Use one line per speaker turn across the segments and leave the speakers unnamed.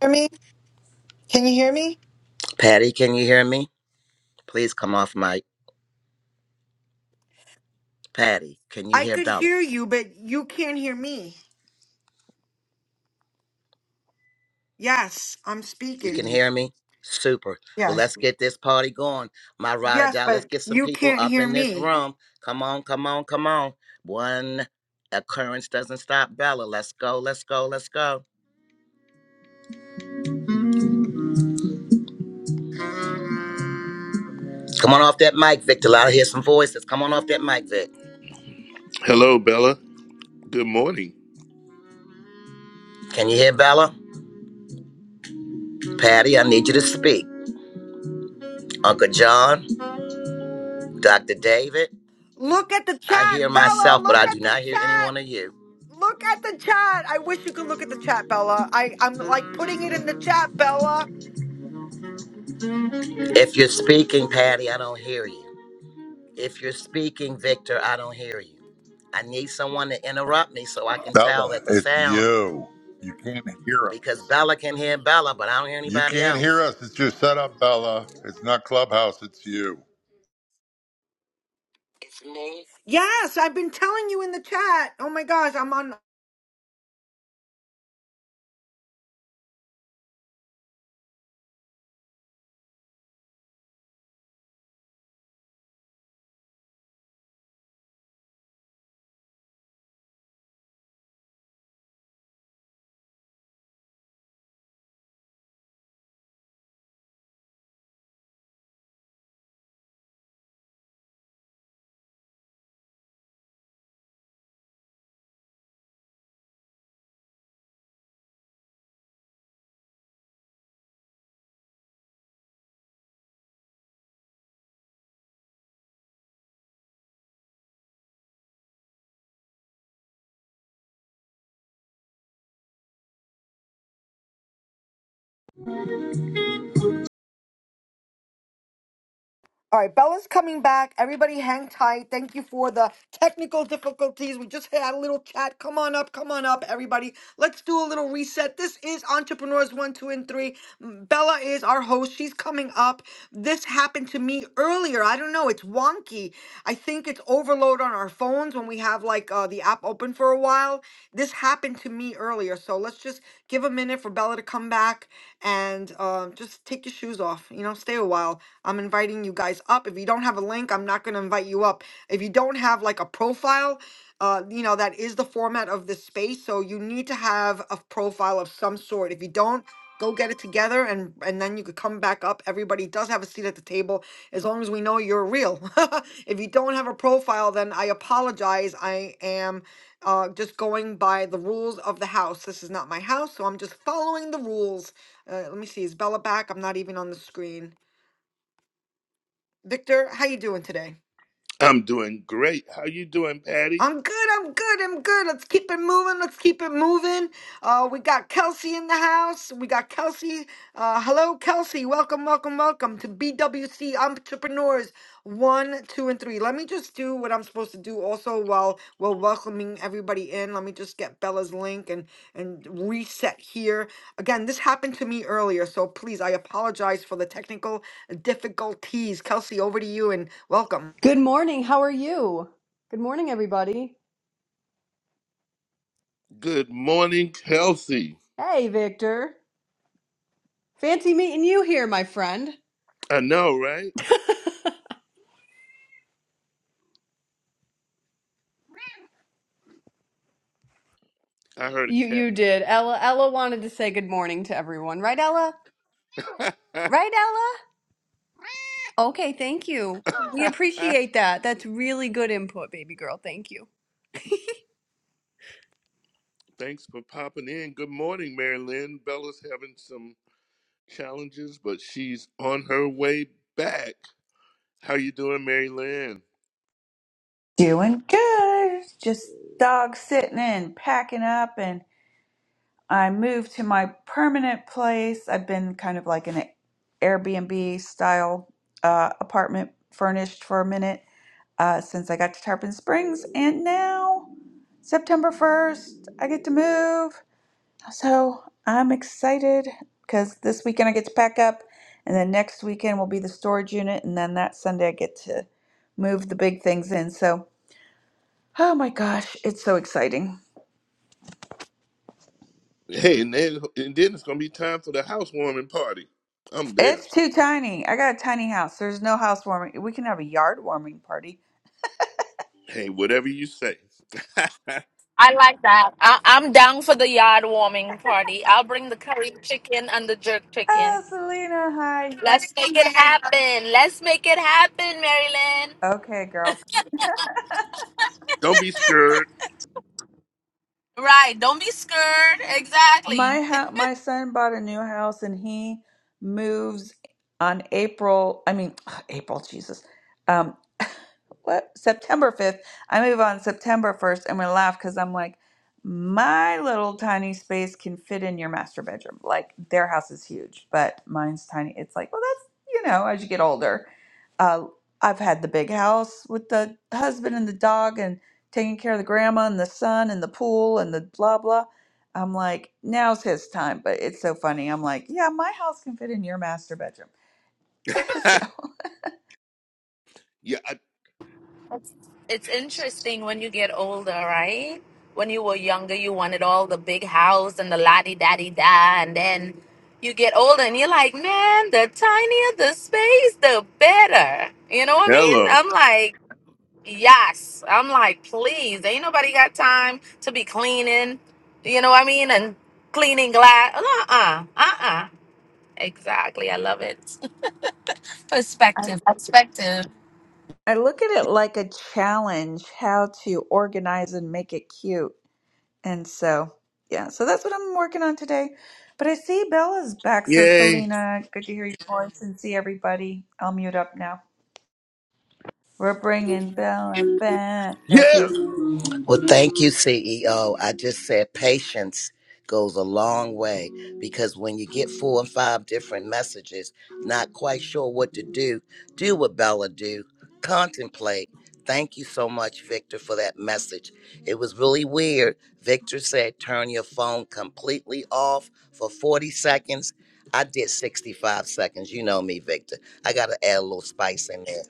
hear me? Can you hear me?
Patty, can you hear me? Please come off mic. Patty, can you
I
hear
could
Bella?
hear you, but you can't hear me. Yes, I'm
You can
speaking.
hear me? Super. Well,
Yes.
let's get this party going. My ride or
Yes,
die. Let's
but
get some
you
people
can't
up
hear
in this
me.
room. Come on, come on, come on. One occurrence doesn't stop Bella. Let's go, let's go, let's go. Come on off that mic, Victor. Let I hear some voices. Come on off that mic, Vic.
Hello, Bella. Good morning.
Can you hear Bella? Patty, I need you to speak. Uncle John, Dr. David,
Look at the
I
chat,
hear
Bella.
myself, but
Look
I do
at the
not hear any
chat.
one of you.
Look at the chat. I wish you could look at the chat, Bella. I, I'm like putting it in the chat, Bella.
If you're speaking, Patty, I don't hear you. If you're speaking, Victor, I don't hear you. I need someone to interrupt me so I can tell
Bella,
that the
it's
sound,
you. You can't hear us.
because Bella can hear Bella, but I don't hear
You
anybody
can't
else.
hear us. It's your setup, Bella. It's not Clubhouse. It's you.
Yes, I've been telling you in the chat. Oh my gosh, I'm on. All right, Bella's coming back. Everybody hang tight. Thank you for the technical difficulties. We just had a little chat. Come on up, come on up, everybody. Let's do a little reset. This is Entrepreneurs 1, 2, and 3. Bella is our host. She's coming up. This happened to me earlier. I don't know. It's wonky. I think it's overload on our phones when we have like uh, the app open for a while. This happened to me earlier. So let's just give a minute for Bella to come back and uh, just take your shoes off. You know, stay a while. I'm inviting you guys up. If you don't have a link, I'm not going to invite you up. If you don't have like a profile, uh, you know, that is the format of this space. So you need to have a profile of some sort. If you don't, go get it together and and then you could come back up everybody does have a seat at the table as long as we know you're real if you don't have a profile then i apologize i am uh, just going by the rules of the house this is not my house so i'm just following the rules uh, let me see is bella back i'm not even on the screen victor how you doing today
I'm doing great. How you doing, Patty?
I'm good. I'm good. I'm good. Let's keep it moving. Let's keep it moving. Uh, we got Kelsey in the house. We got Kelsey. Uh, hello, Kelsey. Welcome, welcome, welcome to BWC Entrepreneurs One, Two, and Three. Let me just do what I'm supposed to do. Also, while we're welcoming everybody in, let me just get Bella's link and and reset here. Again, this happened to me earlier, so please, I apologize for the technical difficulties. Kelsey, over to you and welcome.
Good morning. How are you? Good morning, everybody.
Good morning, Kelsey.
Hey, Victor. Fancy meeting you here, my friend.
I know, right? I heard a
You you did. Ella Ella wanted to say good morning to everyone, right, Ella?
cat.
Right, Ella? Okay, thank you. We appreciate that. That's really good input, baby girl. Thank you.
Thanks for popping in. Good morning, Mary Lynn. Bella's having some challenges, but she's on her way back. How you doing, Mary Lynn?
Doing good. Just dog sitting and packing up, and I moved to my permanent place. I've been kind of like in an Airbnb style uh, apartment furnished for a minute uh, since I got to Tarpon Springs, and now September 1st, I get to move. So I'm excited because this weekend I get to pack up, and then next weekend will be the storage unit, and then that Sunday I get to move the big things in. So Oh my gosh, it's so exciting.
Hey, and then, and then it's gonna be time for the housewarming party. I'm there.
It's too tiny. I got a tiny house. There's no house warming. We can have a yard warming party.
Hey, whatever you say.
I like that. I, I'm down for the yard warming party. I'll bring the curry chicken and the jerk chicken.
Oh, Selena, hi.
Let's make it happen. Let's make it happen, Marilyn.
Okay, girl.
Don't be scared.
Right. Don't be scared. Exactly.
My ha- my son bought a new house and he moves on April, I mean, April, Jesus. Um, what? September 5th. I move on September 1st and we laugh because I'm like, my little tiny space can fit in your master bedroom. Like their house is huge, but mine's tiny. It's like, well, that's, you know, as you get older. Uh, I've had the big house with the husband and the dog and taking care of the grandma and the son and the pool and the blah, blah I'm like, now's his time. But it's so funny. I'm like, yeah, my house can fit in your master bedroom. so
yeah. I-
It's interesting when you get older, right? When you were younger, you wanted all the big house and the la di da di da. And then you get older and you're like, man, the tinier the space, the better. You know what I mean?
Hello.
I'm like, Yes. I'm like, please, ain't nobody got time to be cleaning, you know what I mean? And cleaning glass. Uh uh. Uh uh. Exactly. I love it.
I,
Perspective. Perspective.
I look at it like a challenge how to organize and make it cute. And so, yeah, so that's what I'm working on today. But I see Bella's back. So,
Yay.
Selena, good to hear your voice and see everybody. I'll mute up now. We're bringing Bella back. There she
Yeah.
is.
Well, thank you, CEO. I just said patience goes a long way because when you get four and five different messages, not quite sure what to do, do what Bella do, contemplate. Thank you so much, Victor, for that message. It was really weird. Victor said, turn your phone completely off for 40 seconds. I did 65 seconds. You know me, Victor. I got to add a little spice in there.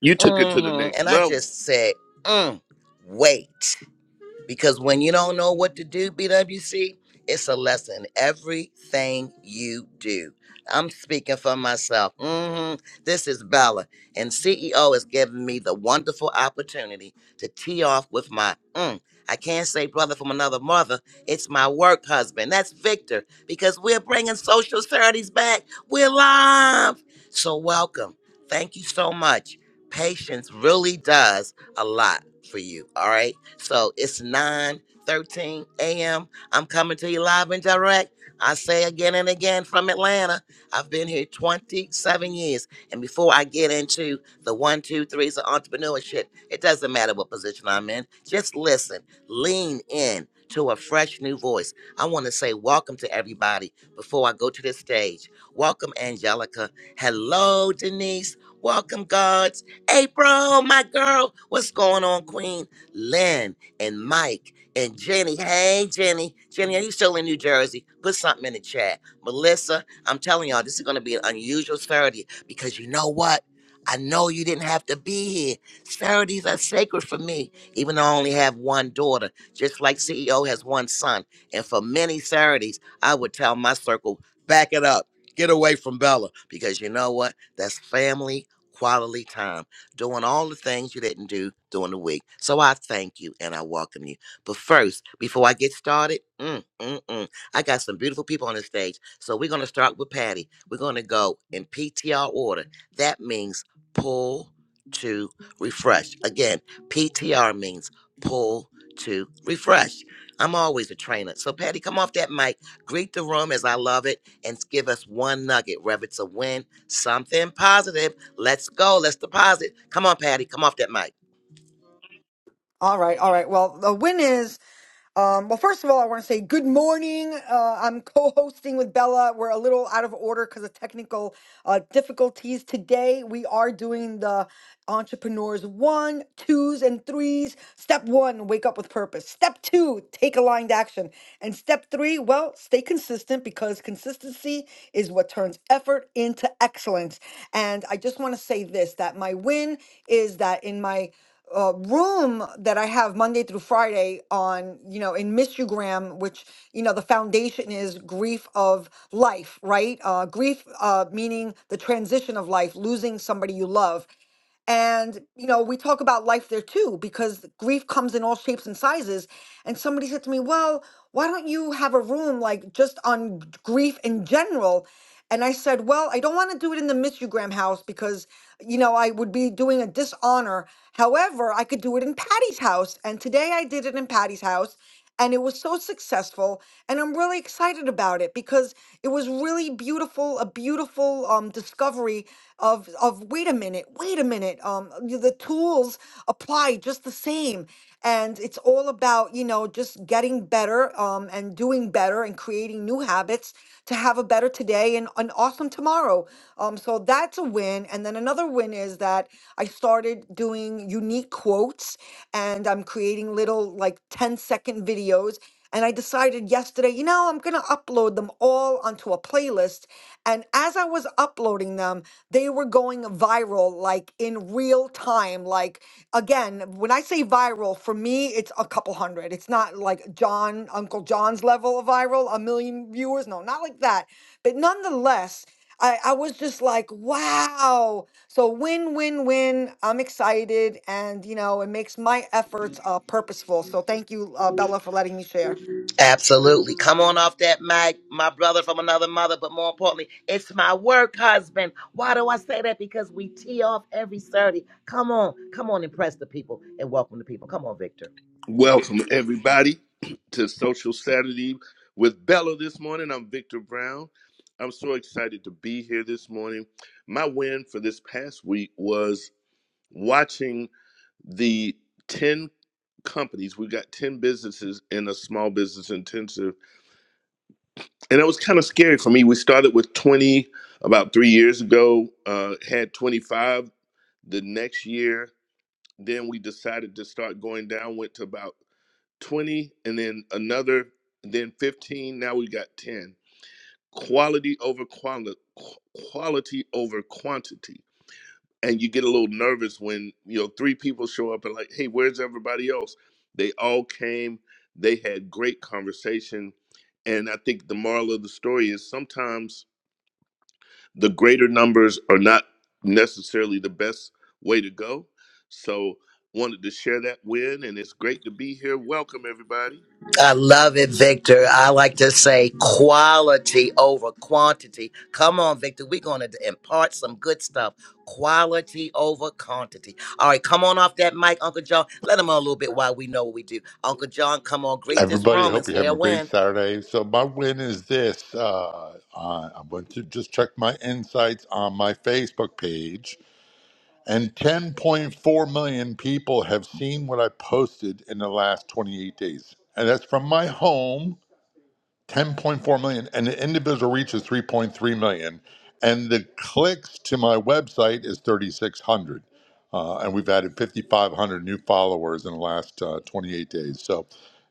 You took it to the
hmm
next
And I
level.
just said, mm, wait. Because when you don't know what to do, BWC, it's a lesson. Everything you do. I'm speaking for myself. hmm This is Bella, and CEO has given me the wonderful opportunity to tee off with my. Mm, I can't say brother from another mother. It's my work husband. That's Victor, because we're bringing social charities back. We're live. So, welcome. Thank you so much. Patience really does a lot for you. All right. So it's nine thirteen 13 a.m. I'm coming to you live and direct. I say again and again from Atlanta. I've been here 27 years. And before I get into the one, two, threes of entrepreneurship, it doesn't matter what position I'm in. Just listen, lean in to a fresh new voice. I want to say welcome to everybody before I go to the stage. Welcome, Angelica. Hello, Denise. Welcome, God. April, my girl. What's going on, Queen? Lynn and Mike and Jenny. Hey, Jenny. Jenny, are you still in New Jersey? Put something in the chat. Melissa, I'm telling y'all, this is going to be an unusual Saturday because you know what? I know you didn't have to be here. Saturdays are sacred for me, even though I only have one daughter, just like CEO has one son. And for many Saturdays, I would tell my circle, back it up. Get away from Bella because you know what? That's family quality time doing all the things you didn't do during the week. So I thank you and I welcome you. But first, before I get started, mm, mm, mm, I got some beautiful people on the stage. So we're going to start with Patty. We're going to go in PTR order. That means pull to refresh. Again, PTR means pull to refresh. I'm always a trainer. So, Patty, come off that mic, greet the room as I love it, and give us one nugget, whether it's a win, something positive, Let's go. Let's deposit. Come on, Patty. Come off that mic.
All right, all right. Well, the win is. Um, well, first of all, I want to say good morning. Uh, I'm co hosting with Bella. We're a little out of order because of technical uh, difficulties. Today, we are doing the entrepreneurs one, twos, and threes. Step one, wake up with purpose. Step two, take aligned action. And step three, well, stay consistent because consistency is what turns effort into excellence. And I just want to say this that my win is that in my uh, room that I have Monday through Friday on, you know, in Mistugram, which, you know, the foundation is grief of life, right? Uh, grief uh, meaning the transition of life, losing somebody you love. And, you know, we talk about life there too, because grief comes in all shapes and sizes. And somebody said to me, well, why don't you have a room like just on g- grief in general? And I said, Well, I don't want to do it in the Miss U Graham house because, you know, I would be doing a dishonor. However, I could do it in Patty's house. And today I did it in Patty's house. And it was so successful. And I'm really excited about it because it was really beautiful, a beautiful um, discovery of, of wait a minute, wait a minute. Um, y- the tools apply just the same and it's all about you know just getting better um, and doing better and creating new habits to have a better today and an awesome tomorrow um, so that's a win and then another win is that i started doing unique quotes and i'm creating little like 10 second videos and I decided yesterday, you know, I'm going to upload them all onto a playlist. And as I was uploading them, they were going viral, like in real time. Like, again, when I say viral, for me, it's a couple hundred. It's not like John, Uncle John's level of viral, a million viewers. No, not like that. But nonetheless, I, I was just like, wow. So win, win, win. I'm excited. And, you know, it makes my efforts uh, purposeful. So thank you, uh, Bella, for letting me share.
Absolutely. Come on off that mic, my brother from another mother. But more importantly, it's my work husband. Why do I say that? Because we tee off every Saturday. Come on. Come on, impress the people and welcome the people. Come on, Victor.
Welcome, everybody, to Social Saturday with Bella this morning. I'm Victor Brown. I'm so excited to be here this morning. My win for this past week was watching the 10 companies. We got 10 businesses in a small business intensive. And it was kind of scary for me. We started with 20 about three years ago, uh, had 25 the next year then we decided to start going down went to about 20 and then another then 15 now we got 10 quality over quality quality over quantity and you get a little nervous when you know three people show up and like hey where's everybody else they all came they had great conversation and i think the moral of the story is sometimes the greater numbers are not necessarily the best way to go. So wanted to share that win and it's great to be here. Welcome everybody.
I love it, Victor. I like to say quality over quantity. Come on, Victor. We're going to impart some good stuff. Quality over quantity. All right, come on off that mic, Uncle John. Let them on a little bit while we know what we do. Uncle John, come on, greet this
Everybody, I
room and
hope you're
say
having
a
a great
win.
Saturday. So my win is this. Uh, I I went to just check my insights on my Facebook page, and 10.4 million people have seen what I posted in the last 28 days. And that's from my home 10.4 million and the individual reach is 3.3 million and the clicks to my website is 3600 uh, and we've added 5500 new followers in the last uh, 28 days so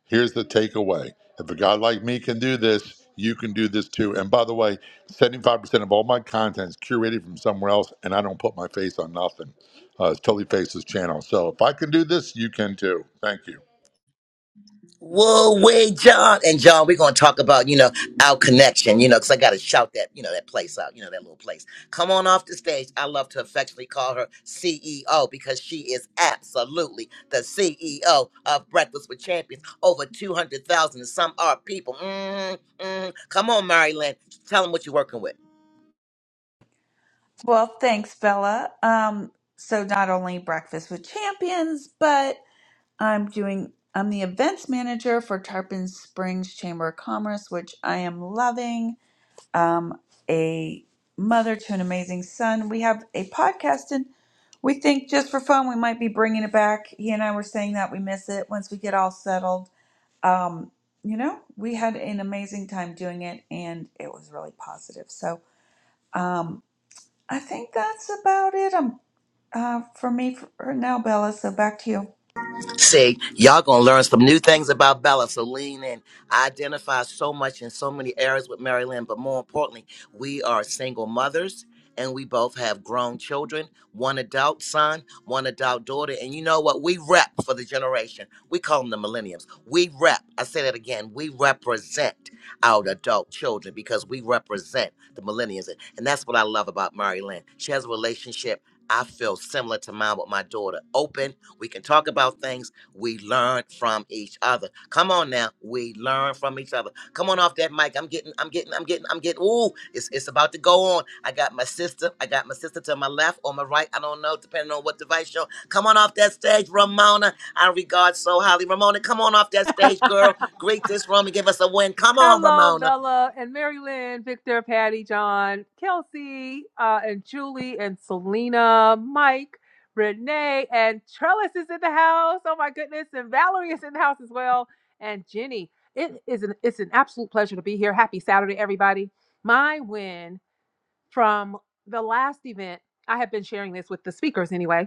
here's the takeaway if a guy like me can do this you can do this too and by the way 75% of all my content is curated from somewhere else and i don't put my face on nothing uh, it's totally faces channel so if i can do this you can too thank you
Whoa, way, John. And John, we're gonna talk about, you know, our connection, you know, because I gotta shout that, you know, that place out, you know, that little place. Come on off the stage. I love to affectionately call her CEO because she is absolutely the CEO of Breakfast with Champions. Over 200,000 and some odd people. Mm, mm. Come on, Marilyn. Tell them what you're working with.
Well, thanks, Bella. Um, so not only breakfast with champions, but I'm doing I'm the events manager for Tarpon Springs Chamber of Commerce, which I am loving. Um a mother to an amazing son. We have a podcast and we think just for fun we might be bringing it back. He and I were saying that we miss it once we get all settled. Um you know, we had an amazing time doing it and it was really positive. So, um I think that's about it. Um uh for me for now, Bella, so back to you.
See, y'all gonna learn some new things about Bella. So lean in. I identify so much in so many areas with Mary Lynn, but more importantly, we are single mothers and we both have grown children, one adult son, one adult daughter. And you know what? We rep for the generation. We call them the Millennials. We rep, I say that again, we represent our adult children because we represent the millennials. And that's what I love about Mary Lynn. She has a relationship I feel similar to mine with my daughter. Open, we can talk about things we learn from each other. Come on now. We learn from each other. Come on off that mic. I'm getting, I'm getting, I'm getting, I'm getting. Ooh, it's it's about to go on. I got my sister. I got my sister to my left or my right. I don't know, depending on what device you're on. Come on off that stage, Ramona. I regard so highly. Ramona, come on off that stage, girl. Greet this room and give us a win. Come on,
Hello,
Ramona.
Bella and Mary Lynn, Victor, Patty, John, Kelsey, uh, and Julie and Selena, Mike, Renee, and Trellis is in the house. Oh my goodness. And Valerie is in the house as well. And Jenny. It is an it's an absolute pleasure to be here. Happy Saturday, everybody. My win from the last event, I have been sharing this with the speakers anyway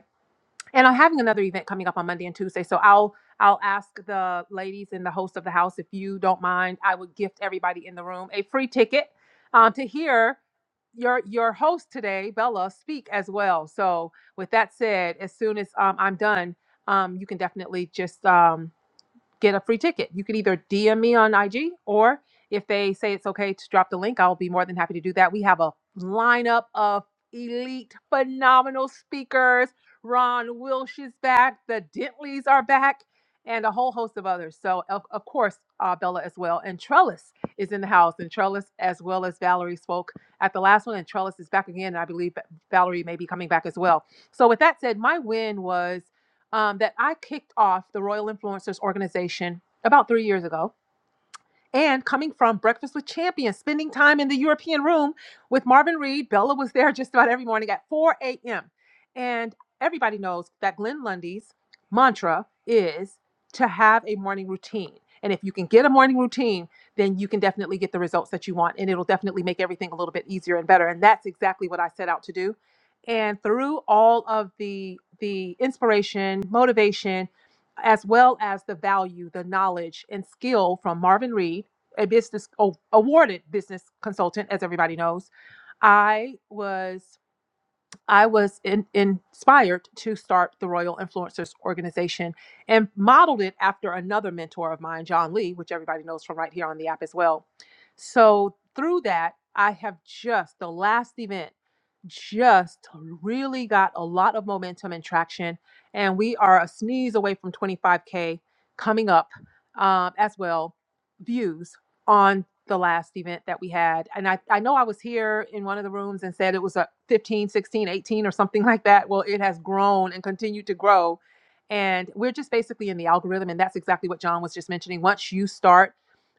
and I'm having another event coming up on Monday and Tuesday. So I'll I'll ask the ladies and the host of the house if you don't mind. I would gift everybody in the room a free ticket uh, to hear your your host today, Bella, speak as well. So with that said, as soon as um, I'm done, um, you can definitely just um, get a free ticket. You could either DM me on IG or if they say it's okay to drop the link, I'll be more than happy to do that. We have a lineup of elite, phenomenal speakers. Ron Wilsh is back, the Dentleys are back, and a whole host of others. So, of, of course, uh, Bella as well. And Trellis is in the house, and Trellis, as well as Valerie, spoke at the last one, and Trellis is back again. And I believe Valerie may be coming back as well. So, with that said, my win was um, that I kicked off the Royal Influencers organization about three years ago and coming from Breakfast with Champions, spending time in the European room with Marvin Reed, Bella was there just about every morning at 4 a.m. And everybody knows that Glenn Lundy's mantra is to have a morning routine. And if you can get a morning routine, then you can definitely get the results that you want. And it'll definitely make everything a little bit easier and better. And that's exactly what I set out to do. And through all of the the inspiration, motivation, as well as the value, the knowledge, and skill from Marvin Reed, a business oh, awarded business consultant, as everybody knows. I was I was in, inspired to start the Royal Influencers Organization and modeled it after another mentor of mine, John Lee, which everybody knows from right here on the app as well. So through that, I have just the last event just really got a lot of momentum and traction, and we are a sneeze away from 25k coming up um, as well views on the last event that we had and I, I know i was here in one of the rooms and said it was a 15 16 18 or something like that well it has grown and continued to grow and we're just basically in the algorithm and that's exactly what john was just mentioning once you start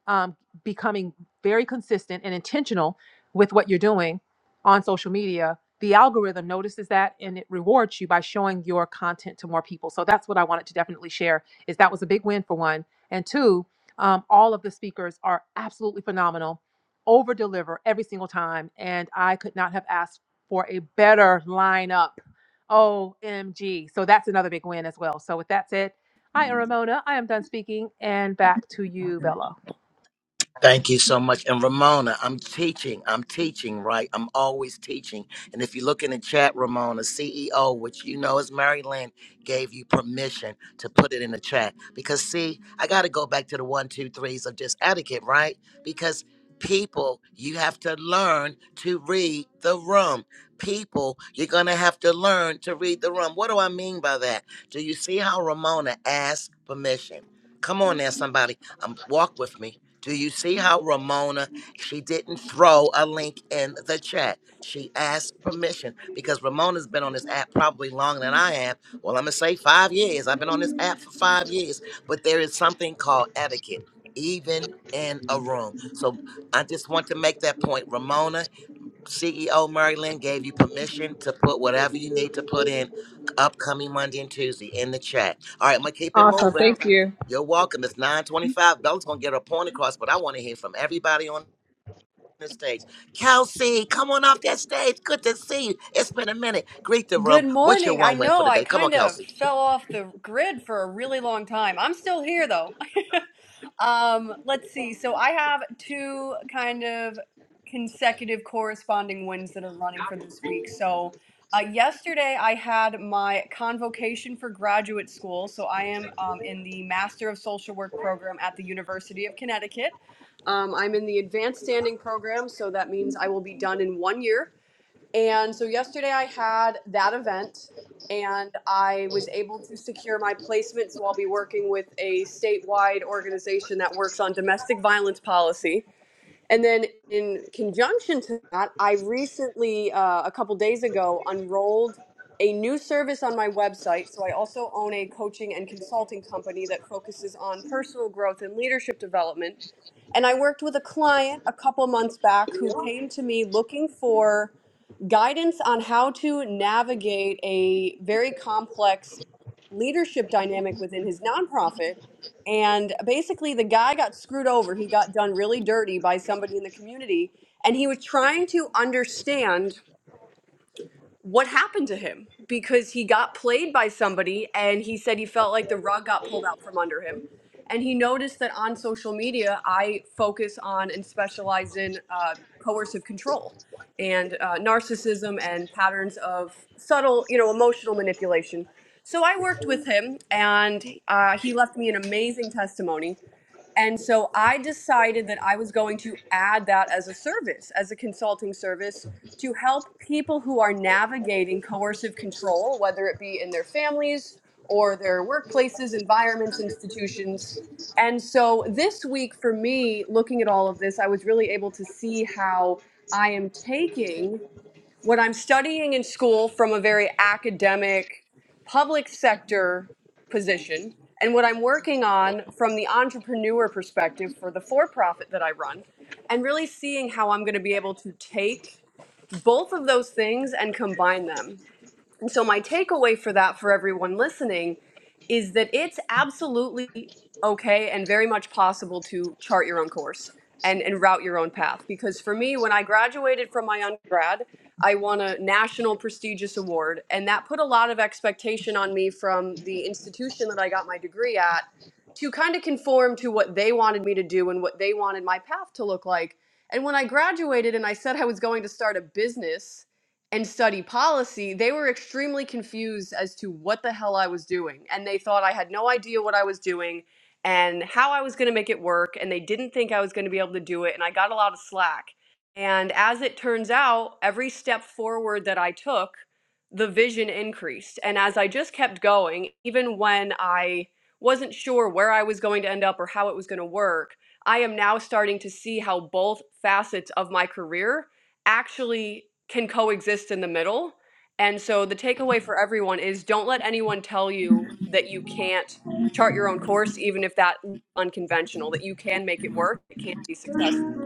um, becoming very consistent and intentional with what you're doing on social media the algorithm notices that and it rewards you by showing your content to more people so that's what i wanted to definitely share is that was a big win for one and two um, all of the speakers are absolutely phenomenal, over deliver every single time. And I could not have asked for a better lineup. OMG. So that's another big win as well. So with that said, I am Ramona. I am done speaking and back to you, Bella.
Thank you so much. And Ramona, I'm teaching. I'm teaching, right? I'm always teaching. And if you look in the chat, Ramona, CEO, which you know is Mary Lynn, gave you permission to put it in the chat. Because, see, I got to go back to the one, two, threes of just etiquette, right? Because people, you have to learn to read the room. People, you're going to have to learn to read the room. What do I mean by that? Do you see how Ramona asked permission? Come on there, somebody. Um, walk with me. Do you see how Ramona, she didn't throw a link in the chat. She asked permission because Ramona's been on this app probably longer than I have. Well, I'm going to say five years. I've been on this app for five years, but there is something called etiquette, even in a room. So I just want to make that point. Ramona, CEO Merlin gave you permission to put whatever you need to put in upcoming Monday and Tuesday in the chat. All right, I'm gonna keep it moving. You're welcome. It's 925. Bella's gonna get her point across, but I want to hear from everybody on the stage. Kelsey, come on off that stage. Good to see you. It's been a minute. Greet the
Good
room. What's your
morning. I
one win for
know
the
I
day? Come on,
kind of
Kelsey.
fell off the grid for a really long time. I'm still here though. um, let's see. So I have two kind of consecutive corresponding wins that are running for this week. So uh, yesterday I had my convocation for graduate school. So I am um, in the Master of Social Work program at the University of Connecticut. Um, I'm in the advanced standing program, so that means I will be done in one year. And so yesterday I had that event and I was able to secure my placement. So I'll be working with a statewide organization that works on domestic violence policy. And then in conjunction to that, I recently, uh, a couple days ago, unrolled a new service on my website. So I also own a coaching and consulting company that focuses on personal growth and leadership development. And I worked with a client a couple months back who came to me looking for guidance on how to navigate a very complex leadership dynamic within his nonprofit. And basically, the guy got screwed over. He got done really dirty by somebody in the community, and he was trying to understand what happened to him because he got played by somebody and he said he felt like the rug got pulled out from under him and he noticed that on social media i focus on and specialize in uh, coercive control and uh, narcissism and patterns of subtle you know emotional manipulation so i worked with him and uh, he left me an amazing testimony and so I decided that I was going to add that as a service, as a consulting service to help people who are navigating coercive control, whether it be in their families or their workplaces, environments, institutions. And so this week for me, looking at all of this, I was really able to see how I am taking what I'm studying in school from a very academic public sector position and what I'm working on from the entrepreneur perspective for the for profit that I run, and really seeing how I'm going to be able to take both of those things and combine them. And so, my takeaway for that for everyone listening is that it's absolutely okay and very much possible to chart your own course and, and route your own path. Because for me, when I graduated from my undergrad, I won a national prestigious award, and that put a lot of expectation on me from the institution that I got my degree at to kind of conform to what they wanted me to do and what they wanted my path to look like. And when I graduated and I said I was going to start a business, and study policy, they were extremely confused as to what the hell I was doing. And they thought I had no idea what I was doing and how I was going to make it work. And they didn't think I was going to be able to do it. And I got a lot of slack. And as it turns out, every step forward that I took, the vision increased. And as I just kept going, even when I wasn't sure where I was going to end up or how it was going to work, I am now starting to see how both facets of my career actually can coexist in the middle. And so the takeaway for everyone is don't let anyone tell you that you can't chart your own course, even if that's unconventional, that you can make it work, it can be successful.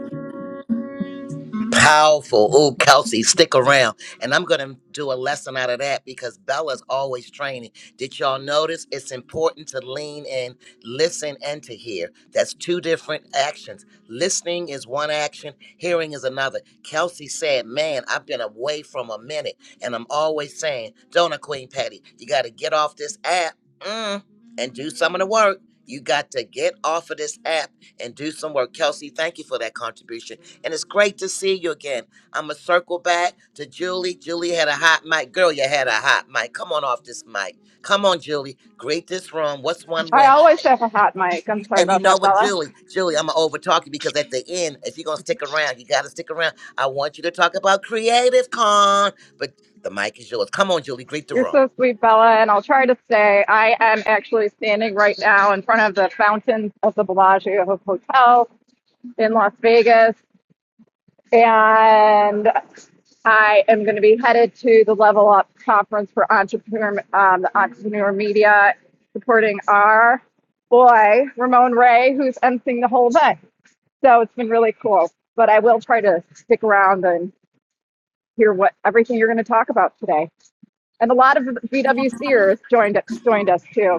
Powerful. Oh, Kelsey, stick around. And I'm going to do a lesson out of that because Bella's always training. Did y'all notice it's important to lean in, listen, and to hear? That's two different actions. Listening is one action, hearing is another. Kelsey said, Man, I've been away from a minute. And I'm always saying, Don't I, Queen Patty? You got to get off this app mm, and do some of the work. You got to get off of this app and do some work. Kelsey, thank you for that contribution and it's great to see you again. I'm gonna circle back to Julie. Julie had a hot mic. Girl, you had a hot mic. Come on off this mic. Come on, Julie. Great this room. What's one
I
win?
always have a hot mic. I'm sorry
And you
about
know
that,
what,
Bella.
Julie? Julie, I'm gonna over talk you because at the end, if you're gonna stick around, you gotta stick around. I want you to talk about Creative Con, but the mic is yours. Come on, Julie. Greet the
You're
room.
so sweet, Bella, and I'll try to stay. I am actually standing right now in front of the fountain of the Bellagio Hotel in Las Vegas, and I am going to be headed to the Level Up Conference for Entrepreneur, um, the Entrepreneur Media, supporting our boy Ramon Ray, who's emceeing the whole event. So it's been really cool. But I will try to stick around and hear what everything you're going to talk about today. and a lot of VWCers joined us, joined us too.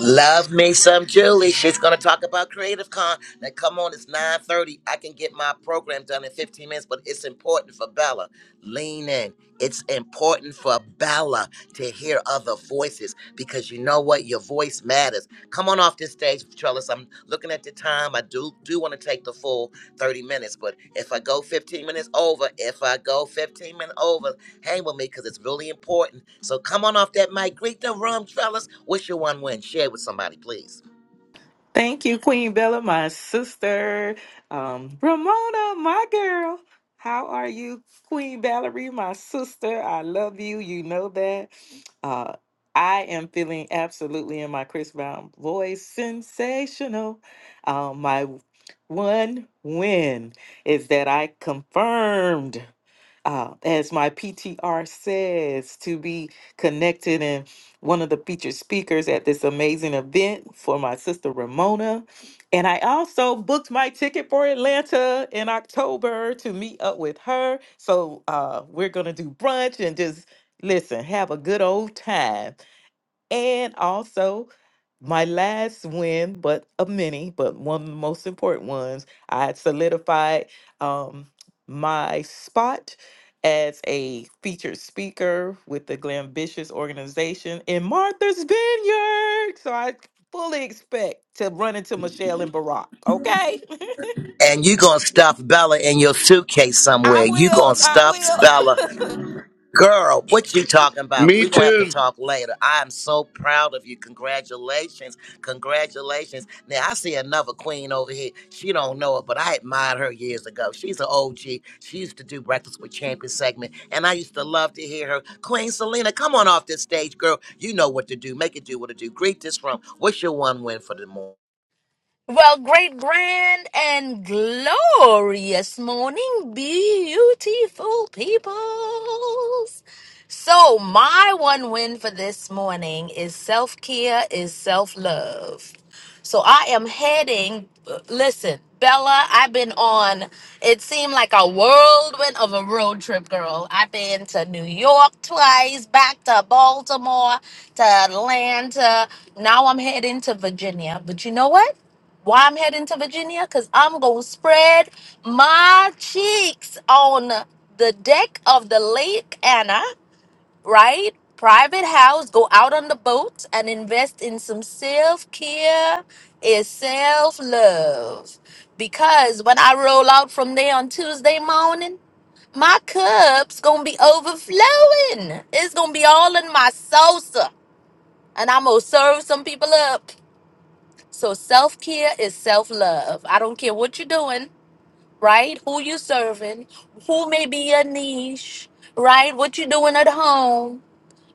Love me some Julie. She's gonna talk about Creative Con. Now come on, it's 9:30. I can get my program done in 15 minutes, but it's important for Bella. Lean in. It's important for Bella to hear other voices because you know what? Your voice matters. Come on off this stage, Trellis. I'm looking at the time. I do do want to take the full 30 minutes, but if I go 15 minutes over, if I go 15 minutes over, hang with me because it's really important. So come on off that mic. Greet the room, Trellis. Wish you one win. Share with somebody, please.
Thank you, Queen Bella, my sister. Um, Ramona, my girl. How are you, Queen Valerie, my sister? I love you. You know that. Uh, I am feeling absolutely in my Chris Brown voice sensational. Um, my one win is that I confirmed uh, as my PTR says, to be connected and one of the featured speakers at this amazing event for my sister Ramona. And I also booked my ticket for Atlanta in October to meet up with her. So uh, we're going to do brunch and just listen, have a good old time. And also, my last win, but a many, but one of the most important ones, I had solidified um, my spot as a featured speaker with the Glambitious organization in Martha's Vineyard. So I fully expect to run into Michelle and Barack, okay?
And you gonna stuff Bella in your suitcase
I
somewhere. You
will.
gonna stuff
I
Bella.
will.
Girl, what you talking about?
Me
We're gonna have to
too.
talk later. I am so proud of you. Congratulations. Congratulations. Now I see another queen over here. She don't know it, but I admired her years ago. She's an OG. She used to do Breakfast with Champions segment, and I used to love to hear her. Queen Selena, come on off this stage, girl. You know what to do. Make it do what it do. Greet this room. What's your one win for the morning?
Well, great, grand, and glorious morning, beautiful peoples. So, my one win for this morning is self care, is self love. So, I am heading, listen, Bella, I've been on, it seemed like a whirlwind of a road trip, girl. I've been to New York twice, back to Baltimore, to Atlanta. Now I'm heading to Virginia. But you know what? why I'm heading to Virginia? Because I'm going to spread my cheeks on the deck of the Lake Anna, right? Private house, go out on the boat and invest in some self care and self love. Because when I roll out from there on Tuesday morning, my cup's gonna be overflowing. It's gonna be all in my salsa. And I'm gonna serve some people up so self care is self love. I don't care what you're doing, right? Who you serving, who may be your niche, right? What you doing at home,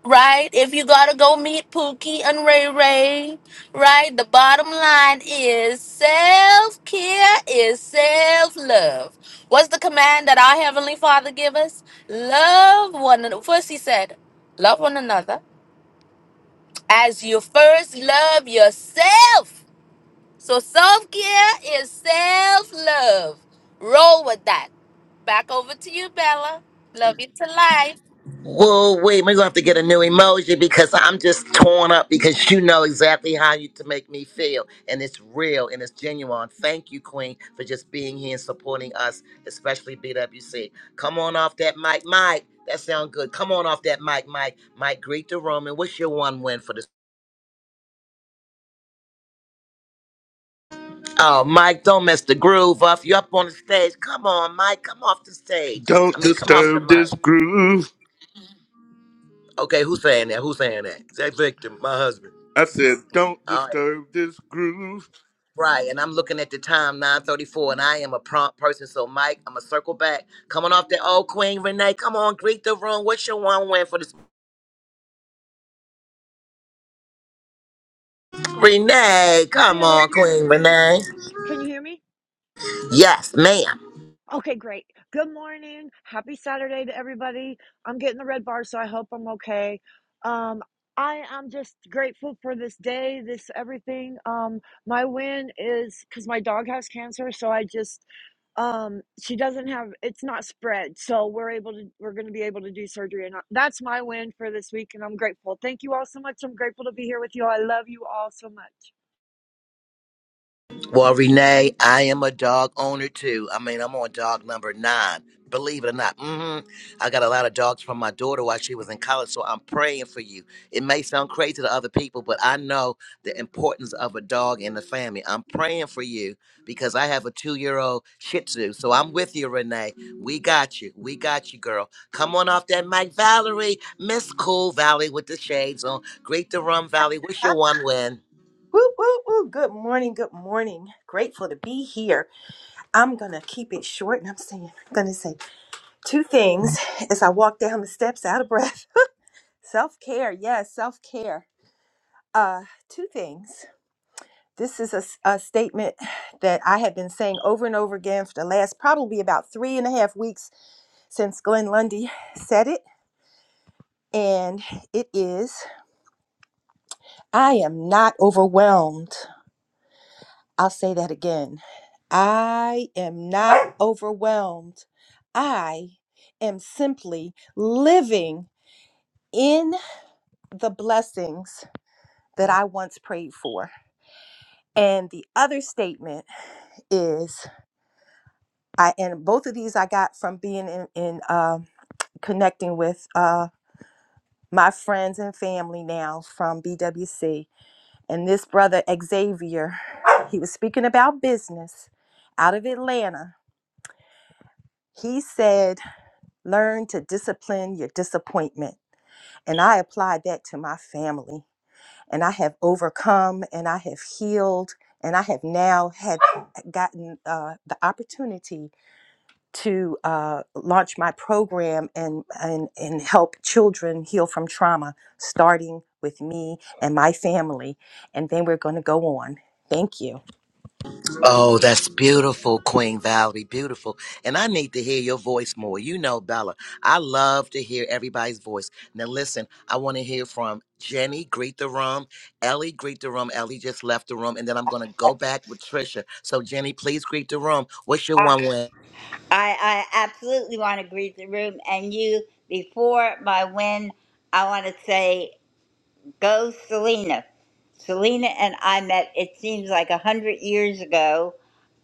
right? If you gotta go meet Pookie and Ray Ray, right? The bottom line is self care is self love. What's the command that our heavenly Father give us? Love one. another. First, He said, love one another as you first love yourself. So self care is self love. Roll with that. Back over to you, Bella. Love you to life.
Whoa, wait, we're gonna have to get a new emoji because I'm just torn up because you know exactly how you to make me feel. And it's real and it's genuine. Thank you, Queen, for just being here and supporting us, especially BWC. Come on off that mic, Mike. That sound good. Come on off that mic, Mike. Mike, greet the room. And what's your one win for this? Oh, Mike, don't mess the groove up. You up on the stage. Come on, Mike. Come off the stage. I
Don't
mean, come off the
disturb this
mic.
groove.
Okay, who's saying that? Who's saying that? Zach Victor, my husband.
I said don't disturb this groove.
Right, and I'm looking at the time, 9:34, and I am a prompt person. So, Mike, I'm gonna circle back. Coming off that old Queen Renee. Come on, greet the room. What's your one win for this? Renee, come
I hope
on,
you can
Queen
hear me.
Renee.
Can you hear me?
Yes, ma'am.
Okay, great. Good morning. Happy Saturday to everybody. I'm getting the red bar, so I hope I'm okay. Um, I am just grateful for this day, this everything. Um, my win is because my dog has cancer, so I just um she doesn't have it's not spread so we're able to we're going to be able to do surgery and I, that's my win for this week and i'm grateful thank you all so much i'm grateful to be here with you all. i love you all so much
Well, Renee, I am a dog owner too. I mean, I'm on dog number nine. Believe it or not, hmm I got a lot of dogs from my daughter while she was in college, so I'm praying for you. It may sound crazy to other people, but I know the importance of a dog in the family. I'm praying for you because I have a two year old Shih Tzu, so I'm with you, Renee. We got you. We got you, girl. Come on off that mic, Valerie. Miss Cool Valley with the shades on. Greet the Rum Valley. Wish you
Ah,
one win.
Woo, woo, woo. Good morning. Good morning. Grateful to be here. I'm going to keep it short and I'm saying, I'm going to say two things as I walk down the steps out of breath. Self care. Yes, self care. Uh, two things. This is a, s- a statement that I have been saying over and over again for the last probably about three and a half weeks since Glenn Lundy said it. And it is I am not overwhelmed. I'll say that again. I am not overwhelmed. I am simply living in the blessings that I once prayed for. And the other statement is I and both of these I got from being in, in um connecting with uh, my friends and family now from BWC. And this brother Xavier, he was speaking about business out of Atlanta. He said Learn to discipline your disappointment. And I applied that to my family. And I have overcome and I have healed. And I have now had gotten uh, the opportunity to uh, launch my program and, and, and help children heal from trauma, starting with me and my family. And then we're going to go on. Thank you.
Oh, that's beautiful, Queen Valerie. Beautiful. And I need to hear your voice more. You know, Bella, I love to hear everybody's voice. Now, listen, I want to hear from Jenny, greet the room. Ellie, greet the room. Ellie just left the room. And then I'm going to
I,
go back with Trisha. So, Jenny, please greet the room. What's your
I
one win?
I absolutely want to greet the room and you before my win. I want to say go Selena. Selena and I met. It seems like a hundred years ago.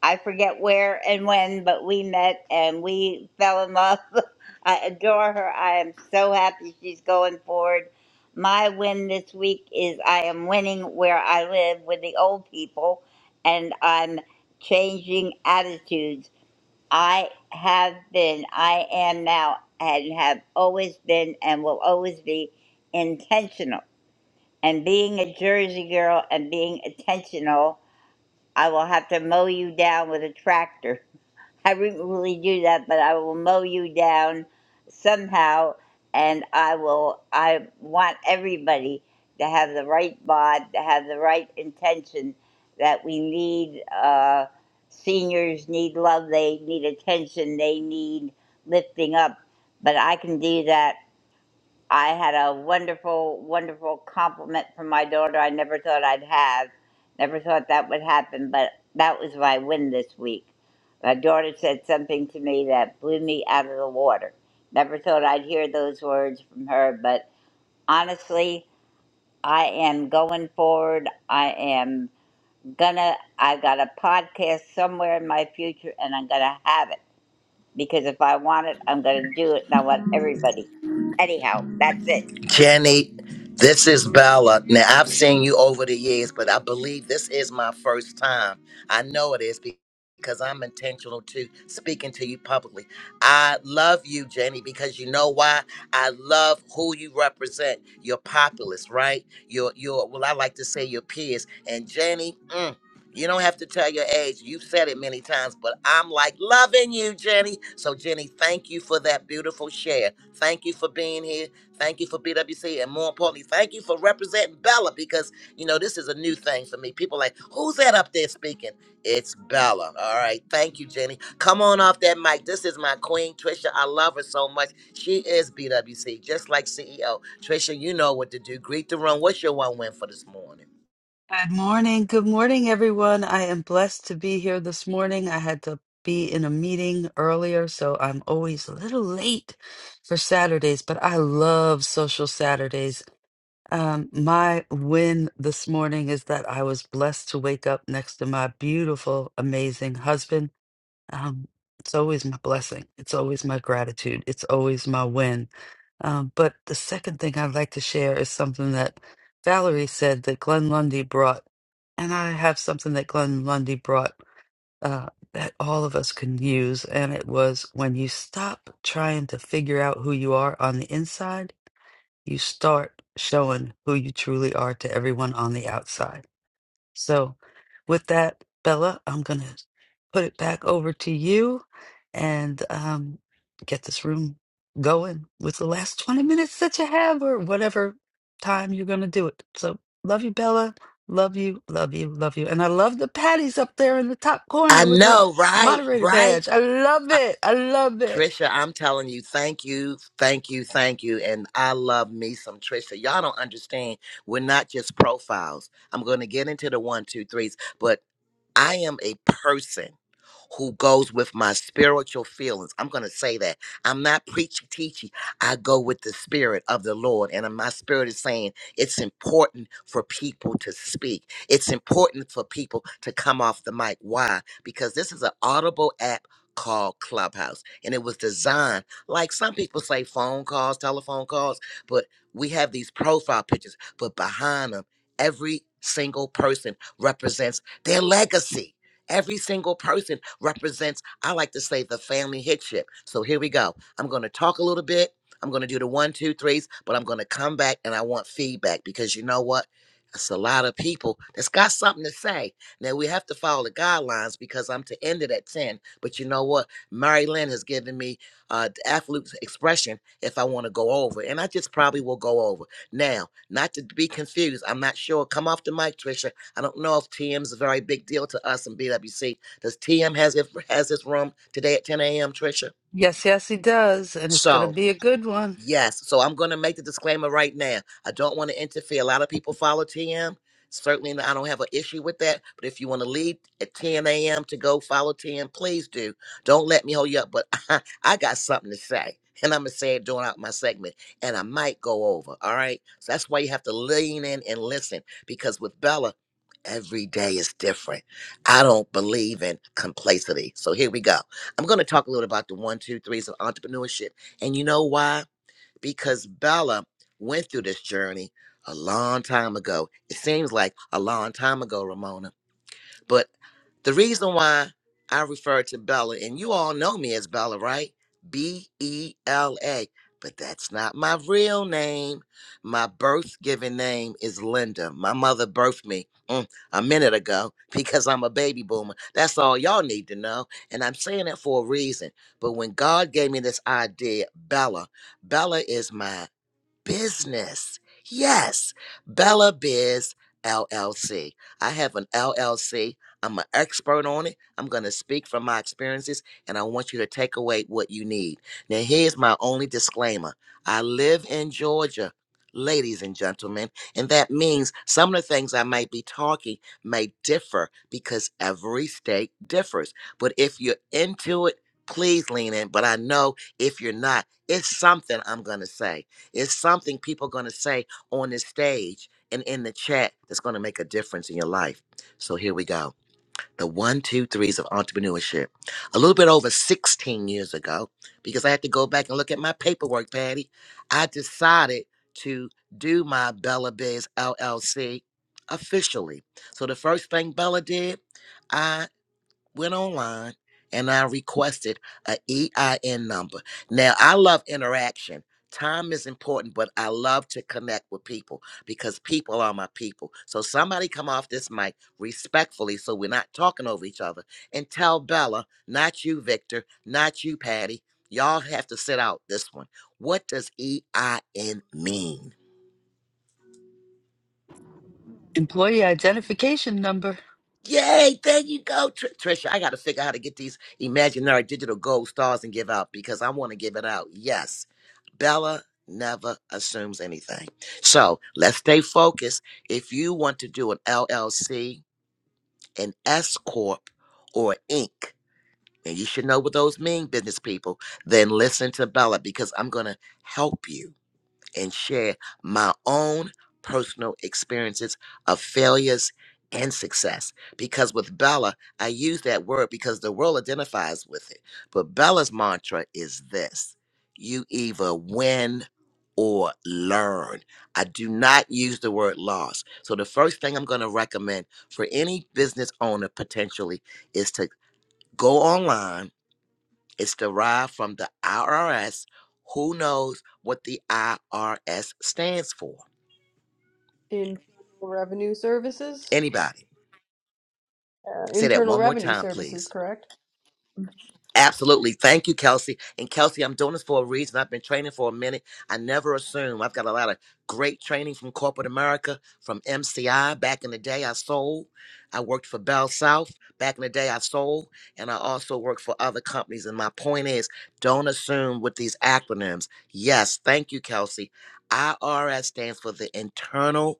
I forget where and when, but we met and we fell in love. I adore her. I am so happy she's going forward. My win this week is I am winning where I live with the old people, and I'm changing attitudes. I have been, I am now, and have always been, and will always be intentional. And being a Jersey girl and being intentional, I will have to mow you down with a tractor I wouldn't really do that, but I will mow you down somehow, and I will. I want everybody to have the right bod, to have the right intention. That we need uh, seniors need love, they need attention, they need lifting up. But I can do that I had a wonderful, wonderful compliment from my daughter I never thought I'd have. Never thought that would happen, but that was my win this week. My daughter said something to me that blew me out of the water. Never thought I'd hear those words from her, but honestly, I am going forward. I am gonna, I got a podcast somewhere in my future and I'm gonna have it because if I want it, I'm gonna do it and I want everybody. Anyhow, that's it.
Jenny, this is Bella. Now, I've seen you over the years, but I believe this is my first time. I know it is be- because I'm intentional to speaking to you publicly. I love you, Jenny, because you know why? I love who you represent. Your populace, right? Your your well, I like to say your peers. And Jenny, mm, you don't have to tell your age. You've said it many times, but I'm like loving you, Jenny. So, Jenny, thank you for that beautiful share. Thank you for being here Thank you for BWC, and more importantly, thank you for representing Bella because you know this is a new thing for me. People like, who's that up there speaking? It's Bella. All right, thank you, Jenny. Come on off that mic. This is my queen, Trisha. I love her so much. She is BWC, just like CEO Trisha. You know what to do. Greet the room. What's your one win for this morning?
Good morning. Good morning, everyone. I am blessed to be here this morning. I had to be in a meeting earlier, so I'm always a little late for Saturdays, but I love social Saturdays. Um, my win this morning is that I was blessed to wake up next to my beautiful, amazing husband um, it's always my blessing. It's always my gratitude. It's always my win. Um, but the second thing I'd like to share is something that Valerie said that Glenn Lundy brought. And I have something that Glenn Lundy brought uh, that all of us can use. And it was when you stop trying to figure out who you are on the inside, you start showing who you truly are to everyone on the outside. So, with that, Bella, I'm going to put it back over to you and um, get this room going with the last 20 minutes that you have or whatever time you're going to do it. So, love you, Bella. Love you, love you, love you. And I love the Patty's up there in the top
I
corner with her
know, right?
moderator
Right?
badge. I love it. I love it.
Trisha, I'm telling you, thank you, thank you, thank you. And I love me some Trisha. Y'all don't understand. We're not just profiles. I'm going to get into the one, two, threes, but I am a person who goes with my spiritual feelings. I'm going to say that. I'm not preaching, teaching. I go with the spirit of the Lord. And my spirit is saying it's important for people to speak. It's important for people to come off the mic. Why? Because this is an audible app called Clubhouse. And it was designed, like some people say, phone calls, telephone calls, but we have these profile pictures, but behind them, every single person represents their legacy. Every single person represents, I like to say, the family headship. So here we go. I'm going to talk a little bit. I'm going to do the one, two, threes, but I'm going to come back and I want feedback because you know what? It's a lot of people that's got something to say. Now we have to follow the guidelines because I'm to end it at 10. But you know what? Mary Lynn has given me uh, the absolute expression if I want to go over. And I just probably will go over. Now, not to be confused, I'm not sure. Come off the mic, Trisha I don't know if TM's a very big deal to us in BWC. Does TM has his, has his room today at 10 a.m., Trisha?
Yes, yes, he does. And it's going
So
to be a good one.
Yes. So I'm going to make the disclaimer right now. I don't want to interfere. A lot of people follow TM. Certainly, I don't have an issue with that. But if you want to leave at 10 a.m. to go follow TM, please do. Don't let me hold you up. But I, I got something to say. And I'm going to say it during out my segment. And I might go over. All right. So that's why you have to lean in and listen. Because with Bella, every day is different. I don't believe in complacity. So here we go. I'm going to talk a little about the one, two, threes of entrepreneurship. And you know why? because Bella went through this journey a long time ago. It seems like a long time ago, Ramona but the reason why I refer to Bella, and you all know me as Bella, right? B E L A. But that's not my real name. My birth given name is Linda. My mother birthed me mm, a minute ago because I'm a baby boomer. That's all y'all need to know. And I'm saying that for a reason. But when God gave me this idea, Bella, Bella is my business. Yes, Bella Biz LLC. I have an LLC. I'm an expert on it. I'm going to speak from my experiences and I want you to take away what you need. Now, here's my only disclaimer I live in Georgia. Ladies and gentlemen, and that means some of the things I might be talking may differ because every state differs. But if you're into it, please lean in. But I know if you're not, it's something I'm going to say. It's something people are going to say on this stage and in the chat that's going to make a difference in your life. So here we go. The one, two, threes of entrepreneurship. A little bit over 16 years ago, because I had to go back and look at my paperwork, Patty, I decided to do my Bella Biz LLC officially. So the first thing Bella did, I went online and I requested a EIN number. Now I love interaction. Time is important, but I love to connect with people because people are my people. So somebody come off this mic respectfully so we're not talking over each other and tell Bella, not you, Victor, not you, Patty. Y'all have to sit out this one. What does EIN mean?
Employee identification number.
Yay, there you go, Tr- Trisha. I got to figure out how to get these imaginary digital gold stars and give out because I want to give it out. Yes, Bella never assumes anything. So let's stay focused. If you want to do an LLC, an S Corp, or an Inc., and you should know what those mean, business people, then listen to Bella because I'm going to help you and share my own personal experiences of failures and success. Because with Bella, I use that word because the world identifies with it. But Bella's mantra is this you either win or learn. I do not use the word loss. So the first thing I'm going to recommend for any business owner potentially is to go online it's derived from the IRS. Who knows what the IRS stands for?
Internal revenue services?
Anybody?
Uh,
Say that
internal
one more
revenue
time,
services,
please.
correct?
Absolutely. Thank you, Kelsey. And Kelsey, I'm doing this for a reason. I've been training for a minute. I never assume. I've got a lot of great training from corporate America, from MCI. Back in the day, I sold. I worked for Bell South. Back in the day, I sold. And I also worked for other companies. And my point is don't assume with these acronyms. Yes. Thank you, Kelsey. IRS stands for the Internal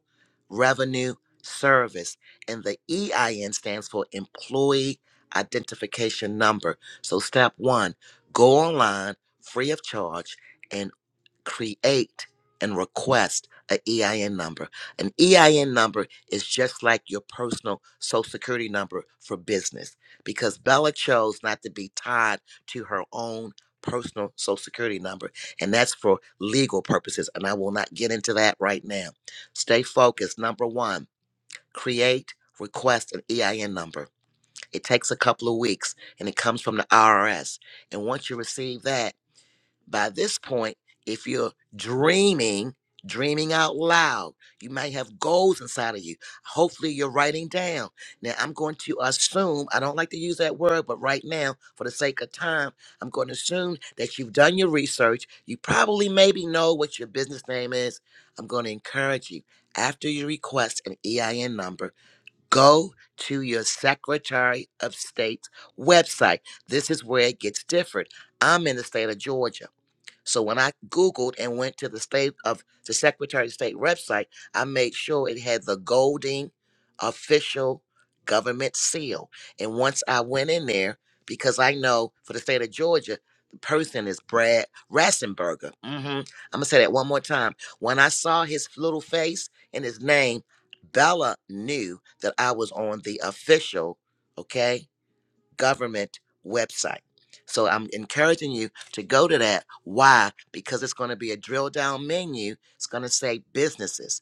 Revenue Service, and the EIN stands for Employee Identification Number. So, step one go online free of charge and create and request an EIN number. An EIN number is just like your personal social security number for business because Bella chose not to be tied to her own personal social security number, and that's for legal purposes. And I will not get into that right now. Stay focused. Number one, create, request an EIN number. It takes a couple of weeks and it comes from the IRS. And once you receive that, by this point, if you're dreaming, dreaming out loud, you might have goals inside of you. Hopefully, you're writing down. Now, I'm going to assume, I don't like to use that word, but right now, for the sake of time, I'm going to assume that you've done your research. You probably maybe know what your business name is. I'm going to encourage you after you request an EIN number go to your Secretary of State's website. This is where it gets different. I'm in the state of Georgia. So when I Googled and went to the state of the Secretary of State website, I made sure it had the Golding official government seal. And once I went in there, because I know for the state of Georgia, the person is Brad Rassenberger. hmm I'm gonna say that one more time. When I saw his little face and his name, Bella knew that I was on the official. Okay government website. So I'm encouraging you to go to that. Why? Because it's going to be a drill down menu. It's going to say businesses.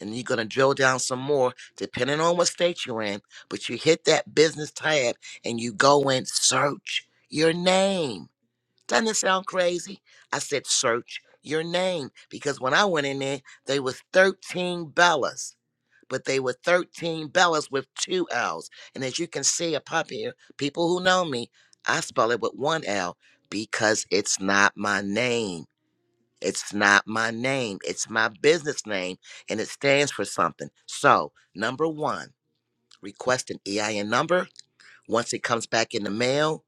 And you're going to drill down some more depending on what state you're in. But you hit that business tab and you go and search your name. Doesn't it sound crazy? I said search your name because when I went in there, there was 13 Bellas but they were 13 Bellas with two L's. And as you can see up, up here, people who know me, I spell it with one L because it's not my name. It's not my name. It's my business name and it stands for something. So, number one, request an EIN number. Once it comes back in the mail,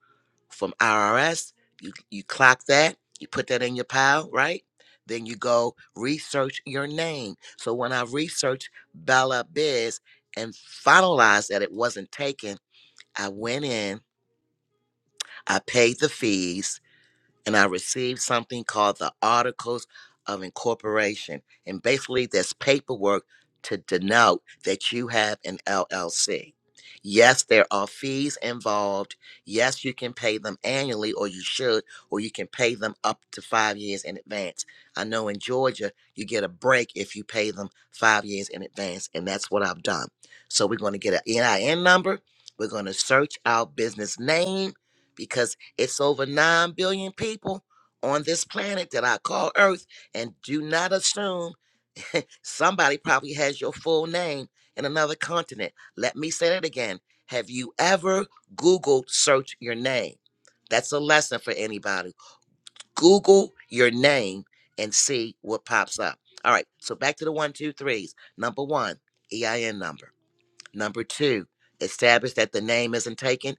from IRS. You you clock that, you put that in your pile, right? Then you go research your name. So when I researched Bella Biz and finalized that it wasn't taken, I went in, I paid the fees, and I received something called the Articles of Incorporation. And basically, there's paperwork to denote that you have an LLC. Yes, there are fees involved. Yes, you can pay them annually, or you should, or you can pay them up to five years in advance. I know in Georgia, you get a break if you pay them five years in advance, and that's what I've done. So we're going to get an EIN number. We're going to search our business name because. It's over 9 billion people on this planet that I call Earth. And do not assume somebody probably has your full name in another continent. Let me say that again. Have you ever Googled search your name? That's a lesson for anybody. Google your name and see what pops up. All right, so back to the one, two, threes. Number one, EIN number. Number two, establish that the name isn't taken.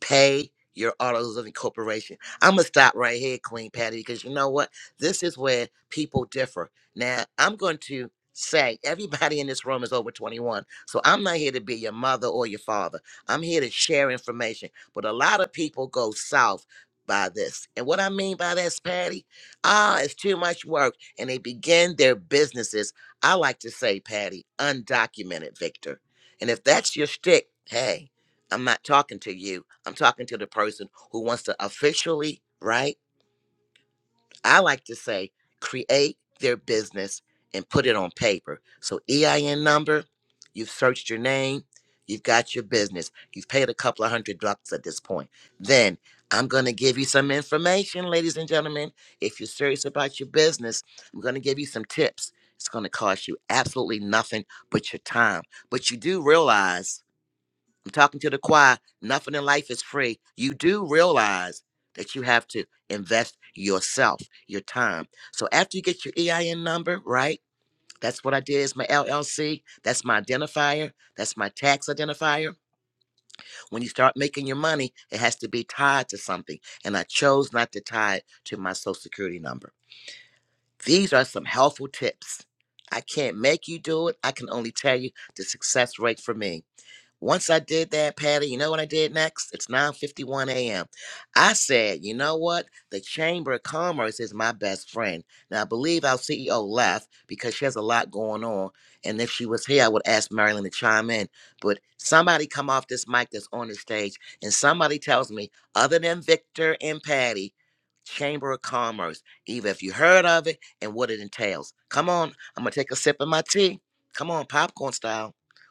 Pay your autos living corporation. I'm gonna stop right here, Queen Patty, because you know what? This is where people differ. Now, I'm going to say everybody in this room is over 21, so I'm not here to be your mother or your father. I'm here to share information. But a lot of people go south by this, and what I mean by that's Patty, ah, it's too much work, and they begin their businesses. I like to say, Patty, undocumented, Victor. And if that's your shtick, hey, I'm not talking to you. I'm talking to the person who wants to officially, right? I like to say, create their business and put it on paper. So EIN number, you've searched your name, you've got your business, you've paid a couple of hundred bucks at this point. Then I'm going to give you some information, ladies and gentlemen. If you're serious about your business, I'm going to give you some tips. It's going to cost you absolutely nothing but your time. But you do realize I'm talking to the choir. Nothing in life is free. You do realize that you have to invest yourself, your time. So after you get your EIN number, right? That's what I did is my LLC. That's my identifier. That's my tax identifier. When you start making your money, it has to be tied to something. And I chose not to tie it to my social security number. These are some helpful tips. I can't make you do it. I can only tell you the success rate for me. Once I did that, Patty, you know what I did next? It's 9:51 a.m. I said, you know what? The Chamber of Commerce is my best friend. Now I believe our CEO left because she has a lot going on. And if she was here, I would ask Marilyn to chime in. But somebody come off this mic that's on the stage and somebody tells me, other than Victor and Patty, Chamber of Commerce, either if you heard of it and what it entails. Come on, I'm gonna take a sip of my tea. Come on, popcorn style.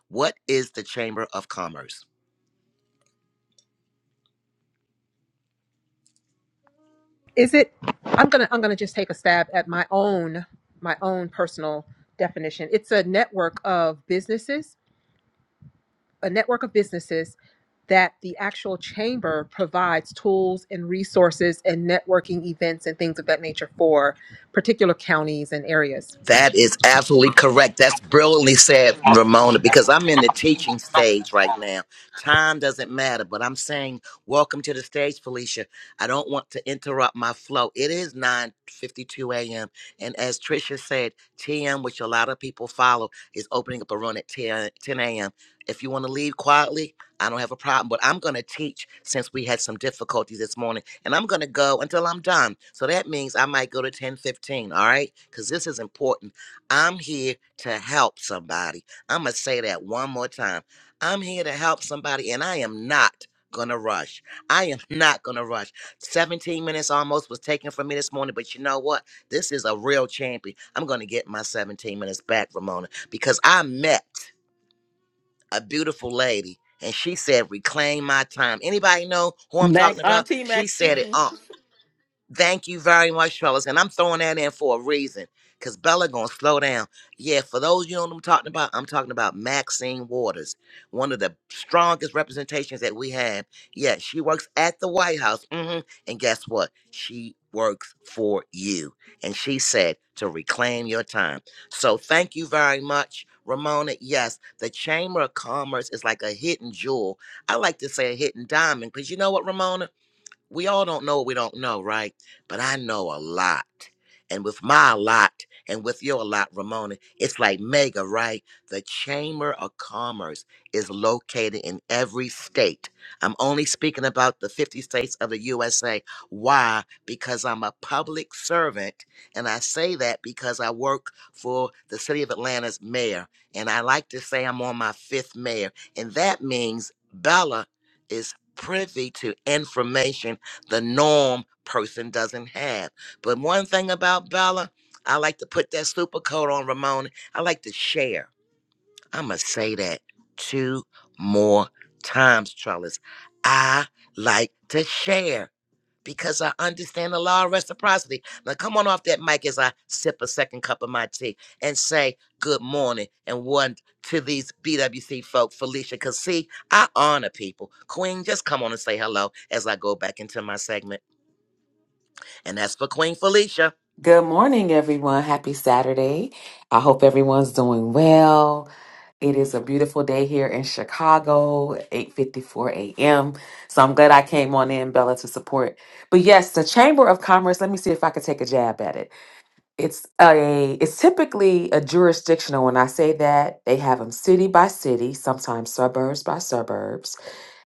What is the Chamber of Commerce?
is it i'm gonna i'm gonna just take a stab at my own my own personal definition it's a network of businesses a network of businesses that the actual chamber provides tools and resources and networking events and things of that nature for particular counties and areas
That is absolutely correct. That's brilliantly said, Ramona, because I'm in the teaching stage right now. Time doesn't matter, but I'm saying welcome to the stage, Felicia. I don't want to interrupt my flow. It is 9:52 a.m. And as Tricia said, TM, which a lot of people follow, is opening up a run at 10, a.m. If you want to leave quietly, I don't have a problem, but I'm going to teach since we had some difficulties this morning and I'm gonna go until I'm done. So that means I might go to 10:15, all right? Because this is important. I'm here to help somebody. I'm gonna say that one more time. I'm here to help somebody, and I am not gonna rush. I am not gonna rush. 17 minutes almost was taken from me this morning, but you know what? This is a real champion. I'm gonna get my 17 minutes back, Ramona, because I met a beautiful lady. And she said, reclaim my time. Anybody know who I'm
Mac,
talking about?
Auntie
She said it.
Maxine.
on. Thank you very much, fellas. And I'm throwing that in for a reason. Cause Bella gonna slow down. Yeah, for those you know what I'm talking about, I'm talking about Maxine Waters, one of the strongest representations that we have. Yeah, she works at the White House. hmm And guess what? She works for you. And she said to reclaim your time. So thank you very much, Ramona. Yes, the Chamber of Commerce is like a hidden jewel. I like to say a hidden diamond, because you know what, Ramona? we all don't know what we don't know, right? But I know a lot. And with my lot and with your lot, Ramona, it's like mega, right? The Chamber of Commerce is located in every state. I'm only speaking about the 50 states of the USA. Why? Because I'm a public servant. And I say that because I work for the city of Atlanta's mayor. And I like to say I'm on my fifth mayor. And that means Bella is privy to information the norm person doesn't have. But one thing about Bella, I like to put that super coat on Ramona. I like to share. I'm going to say that two more times, Trellis. I like to share because I understand the law of reciprocity. Now, come on off that mic as I sip a second cup of my tea and say good morning and one to these BWC folk, Felicia. Because, see, I honor people. Queen, just come on and say hello as I go back into my segment. And that's for Queen Felicia.
Good morning, everyone. Happy Saturday. I hope everyone's doing well. It is a beautiful day here in Chicago, 8:54 a.m. So I'm glad I came on in, Bella, to support. But yes, the Chamber of Commerce, let me see if I could take a jab at it. It's a it's typically a jurisdictional. When I say that, they have them city by city, sometimes suburbs by suburbs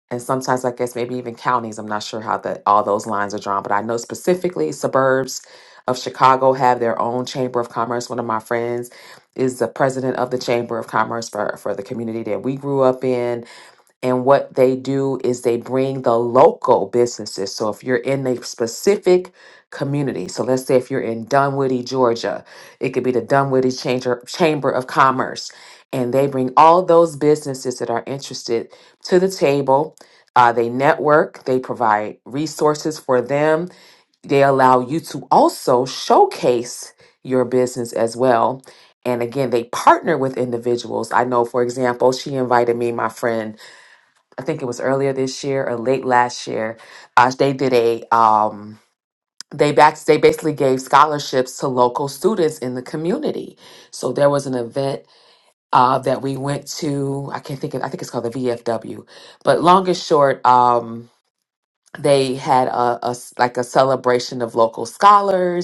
and sometimes I guess maybe even counties. I'm not sure how that all those lines are drawn, but I know specifically suburbs of Chicago have their own chamber of commerce. One of my friends is the president of the chamber of commerce for for the community that we grew up in. And what they do is they bring the local businesses. So if you're in a specific community, so let's say if you're in Dunwoody, Georgia, it could be the Dunwoody Chamber, Chamber of Commerce. And they bring all those businesses that are interested to the table. Uh, they network, they provide resources for them. They allow you to also showcase your business as well. And again, they partner with individuals. I know, for example, she invited me, my friend. I think it was earlier this year or late last year. Uh, they did a um, they back they basically gave scholarships to local students in the community. So there was an event uh, that we went to. I can't think of. I think it's called the VFW. But long and short, um, they had a, a s- like a celebration of local scholars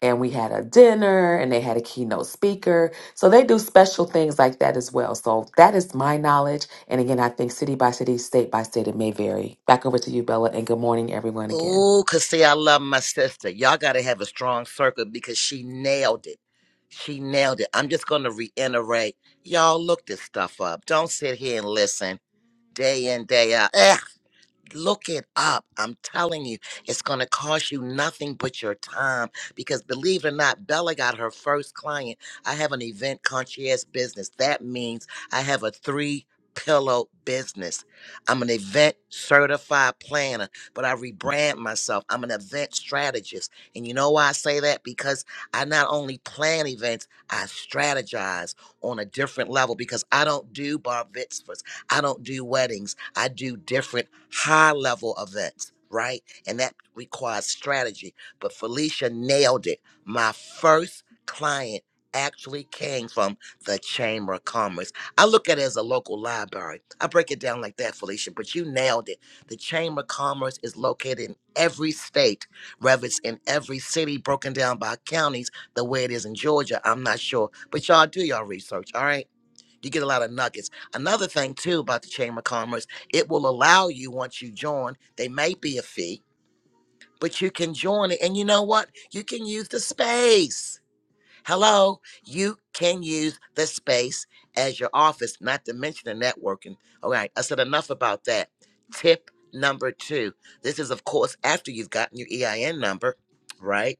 and we had a dinner and they had a keynote speaker. So they do special things like that as well. So that is my knowledge. And again, I think city by city, state by state, it may vary. Back over to you, Bella, and good morning, everyone, again.
Oh, cause see, I love my sister. Y'all gotta have a strong circle because she nailed it. She nailed it. I'm just gonna reiterate. Y'all look this stuff up. Don't sit here and listen day in, day out. Eh, Look it up. I'm telling you, it's going to cost you nothing but your time. Because believe it or not, Bella got her first client. I have an event concierge business. That means I have a three pillow business. I'm an event certified planner, but I rebrand myself. I'm an event strategist. And you know why I say that? Because I not only plan events, I strategize on a different level because I don't do bar mitzvahs. I don't do weddings. I do different high level events, right? And that requires strategy. But Felicia nailed it. My first client actually came from the Chamber of Commerce. I look at it as a local library. I break it down like that, Felicia, but you nailed it. The Chamber of Commerce is located in every state, whether it's in every city, broken down by counties, the way it is in Georgia. I'm not sure. But y'all do y'all research, all right? you get a lot of nuggets. Another thing too about the Chamber of Commerce, it will allow you once you join, they may be a fee, but you can join it. And you know what? You can use the space. Hello, you can use the space as your office, not to mention the networking. All right, I said enough about that. Tip number two. This is, of course, after you've gotten your EIN number, right?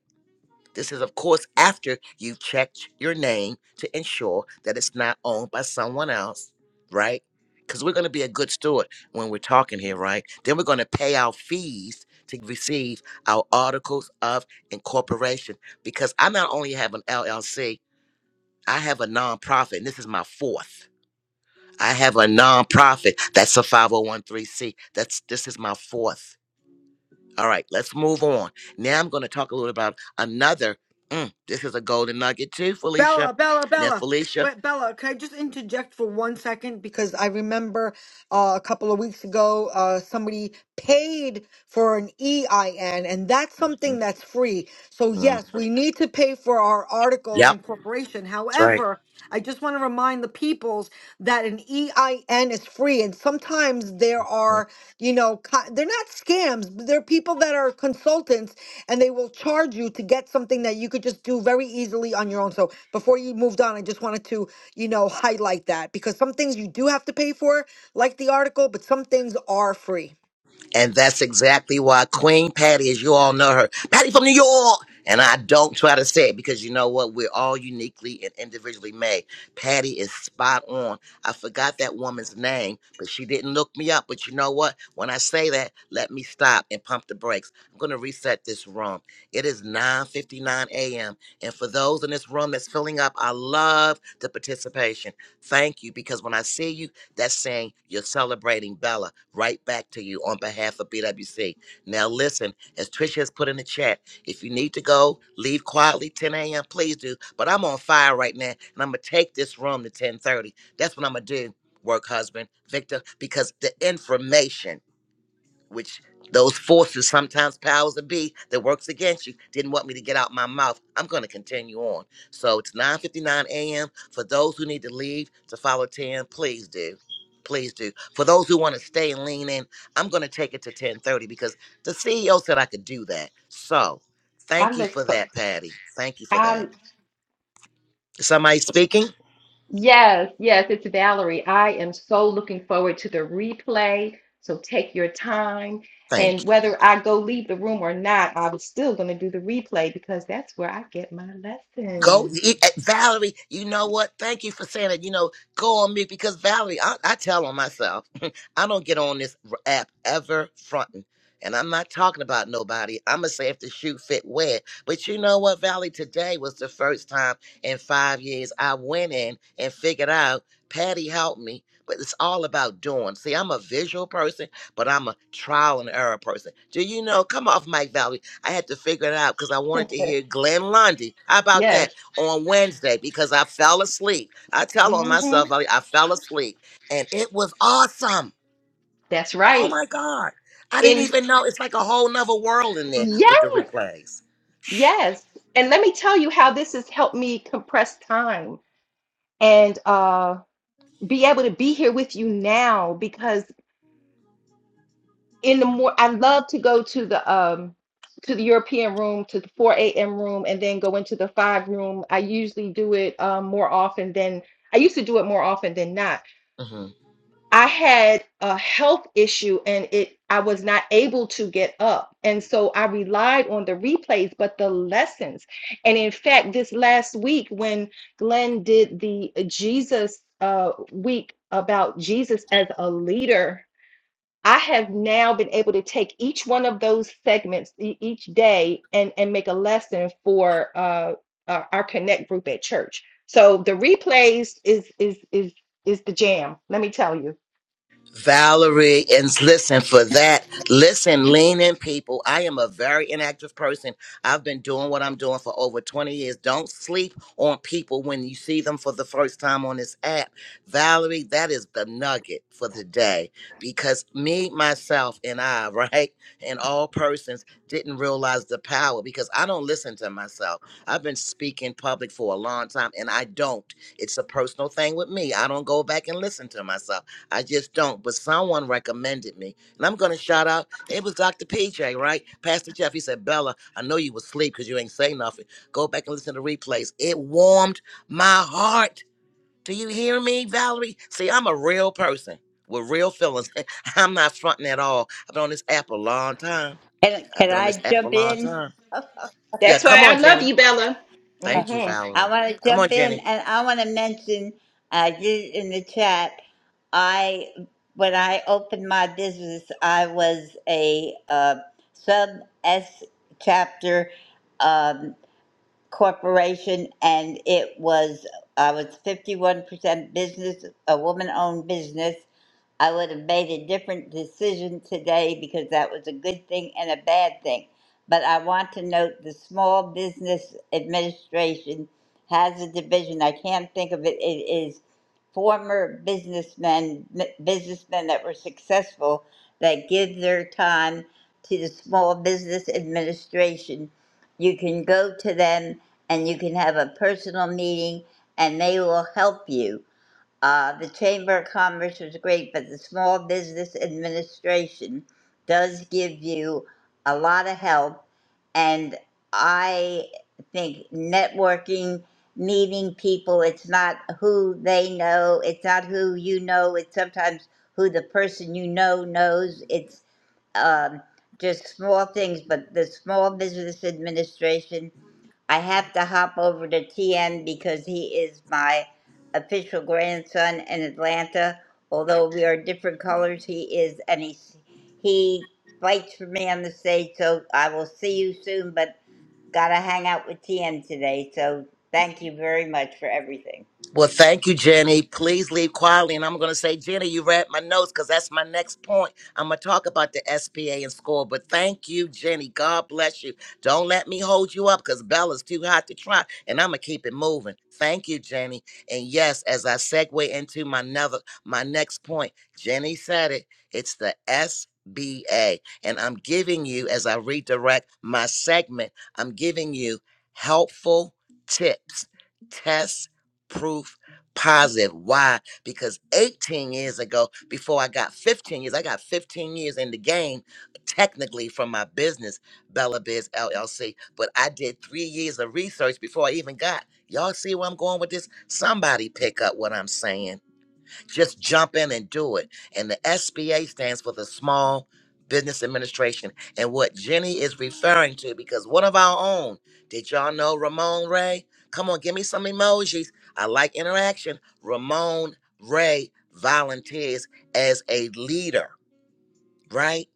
This is, of course, after you've checked your name to ensure that it's not owned by someone else, right? Because we're going to be a good steward when we're talking here, right? Then we're going to pay our fees to receive our articles of incorporation because I not only have an LLC, I have a nonprofit, and this is my fourth. I have a nonprofit that's a 501c. That's this is my fourth. All right, let's move on. Now I'm going to talk a little about another. mm, this is a golden nugget too, Felicia.
Bella, Bella,
Now,
Bella.
Felicia.
But Bella, can I just interject for one second? Because I remember uh, a couple of weeks ago, uh, somebody paid for an EIN, and that's something
Mhm,
that's free. So,
mhm.
yes, we need to pay for our article of
Yep,
incorporation.
that's right.
However, I just want to remind the peoples that an EIN is free, and sometimes there are, you know, co- they're not scams, but they're people that are consultants and they will charge you to get something that you could just do very easily on your own. So, before you moved on, I just wanted to, you know, highlight that because some things you do have to pay for like the article, but some things are free.
And that's exactly why Queen Patty, as you all know her, Patty from New York. And I don't try to say it because you know what? We're all uniquely and individually made. Patty is spot on. I forgot that woman's name, but she didn't look me up. But you know what? When I say that, let me stop and pump the brakes. I'm going to reset this room. It is 9.59 a.m. And for those in this room that's filling up, I love the participation. Thank you because when I see you, that's saying you're celebrating Bella right back to you on behalf of BWC. Now, listen, as Trisha has put in the chat, if you need to go, leave quietly 10 a.m., please do. But I'm on fire right now, and I'm going to take this room to 1030. That's what I'm going to do, work husband, Victor, because the information which those forces, sometimes powers that be, that works against you, didn't want me to get out my mouth. I'm going to continue on. So it's 9:59 a.m. For those who need to leave to follow 10, please do. Please do. For those who want to stay and lean in, I'm going to take it to 10:30 because the CEO said I could do that. So
I
thank you
look
for
for.
that, Patty. Thank you for
I
that. Is Somebody speaking.
Yes, yes, it's Valerie. I am so looking forward to the replay. So take your time.
Thank you.
And whether I go leave the room or not, I was still going to do the replay because that's where I get my
Go,
lessons.
you- eh, Valerie. You know what? Thank you for saying it. You know, go on me because Valerie, I, I tell on myself. I don't get on this r- app ever fronting, and I'm not talking about nobody. I'm gonna say if the shoe fit wet. But you know what, Valerie? Today was the first time in five years I went in and figured out. Patty helped me, but it's all about doing. See, I'm a visual person, but I'm a trial and error person. Do you know? Come off, Mike Valerie. I had to figure it out because I wanted to hear Glenn Lundy. How about that
Yes.
on Wednesday? Because I fell asleep. I tell on
hmm
myself I, I fell asleep, and it was awesome.
That's
Oh
right.
my God! I didn't
And
even know it's like a whole nother world in there with
yes,
the replays.
yes. And let me tell you how this has helped me compress time and uh, be able to be here with you now because. in the more I love to go to the um to the European room to the 4 a.m. room and then go into the five room. I usually do it um, more often than I used to do it more often than not. I had a health issue and it I was not able to get up. And so I relied on the replays, but the lessons. And in fact, this last week when Glenn did the Jesus uh, week about Jesus as a leader I have now been able to take each one of those segments e- each day and and make a lesson for uh, uh, our connect group at church. So the replays is is is is the jam. Let me tell you.
Valerie, and listen for that. Listen, lean in, people. I am a very inactive person. I've been doing what I'm doing for over 20 years. Don't sleep on people when you see them for the first time on this app. Valerie, that is the nugget for the day because me, myself, and I, right, and all persons didn't realize the power because I don't listen to myself. I've been speaking public for a long time and I don't. It's a personal thing with me. I don't go back and listen to myself. I just don't. But someone recommended me. And I'm going to shout out. It was Dr. PJ, right? Pastor Jeff. He said, Bella, I know you was asleep because you ain't say nothing. Go back and listen to replays. It warmed my heart. Do you hear me, Valerie? See, I'm a real person with real feelings. I'm not fronting at all. I've been on this app a long time.
Can,
I've
can
been on this
I
app a
jump
long
in?
time.
Uh,
Yeah,
That's
come
why
on,
I love
Jenny.
you, Bella.
Thank you,
hmm
I
Valerie.
want to
Come on,
jump in
Jenny.
and I want to mention, I did it in the chat. I, when I opened my business, I was a uh, sub S chapter um, corporation and it was, I was 51% business, a woman owned business. I would have made a different decision today because that was a good thing and a bad thing. But I want to note the Small Business Administration has a division. I can't think of it. It is former businessmen, businessmen that were successful that give their time to the Small Business Administration. You can go to them and you can have a personal meeting and they will help you uh, the Chamber of Commerce was great, but the Small Business Administration does give you a lot of help. And I think networking, meeting people, it's not who they know, it's not who you know, it's sometimes who the person you know knows. It's um, just small things, but the Small Business Administration I have to hop over to TN because he is my official grandson in Atlanta. Although we are different colors, he is, and he he fights for me on the stage. So I will see you soon, but gotta hang out with TN today. So thank you very much for everything.
Well, thank you, Jenny. Please leave quietly. And I'm going to say, Jenny, you read my notes because that's my next point. I'm going to talk about the SPA and score. But thank you, Jenny. God bless you. Don't let me hold you up because Bella's too hot to try. And I'm going to keep it moving. Thank you, Jenny. And yes, as I segue into my, never, my next point, Jenny said it. It's the SBA. And I'm giving you, as I redirect my segment, I'm giving you helpful tips, tests, proof positive. Why? Because 18 years ago, before I got 15 years, I got 15 years in the game, technically from my business, Bella Biz LLC. But I did three years of research before I even got. Y'all see where I'm going with this? Somebody pick up what I'm saying just jump in and do it. And the SBA stands for the Small Business Administration. And what Jenny is referring to, because one of our own, did y'all know Ramon Ray? Come on, give me some emojis. I like interaction. Ramon Ray volunteers as a leader, right?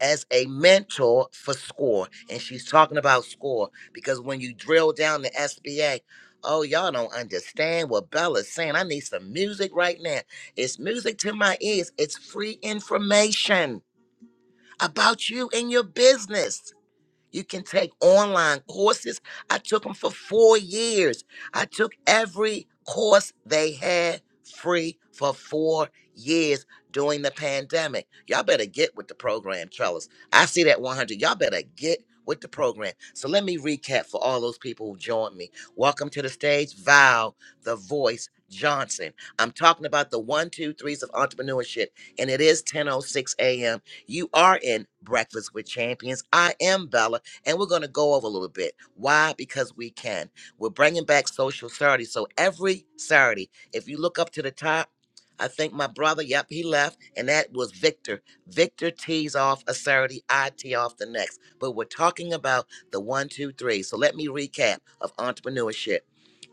as a mentor for SCORE. And she's talking about SCORE because when you drill down the SBA, oh, y'all don't understand what Bella's saying. I need some music right now. It's music to my ears, it's free information about you and your business. You can take online courses. I took them for four years. I took every course they had free for four years during the pandemic. Y'all better get with the program, fellas. I see that 100. Y'all better get with the program. So let me recap for all those people who joined me. Welcome to the stage, Val, the voice. Johnson. I'm talking about the one, two, threes of entrepreneurship, and it is 10:06 a.m. You are in Breakfast with Champions. I am Bella and we're going to go over a little bit. Why? Because we can. We're bringing back social Saturday. So every Saturday, if you look up to the top, I think my brother, yep, he left, and that was Victor. Victor tees off a Saturday, I tee off the next. But we're talking about the one, two, three. So let me recap of entrepreneurship.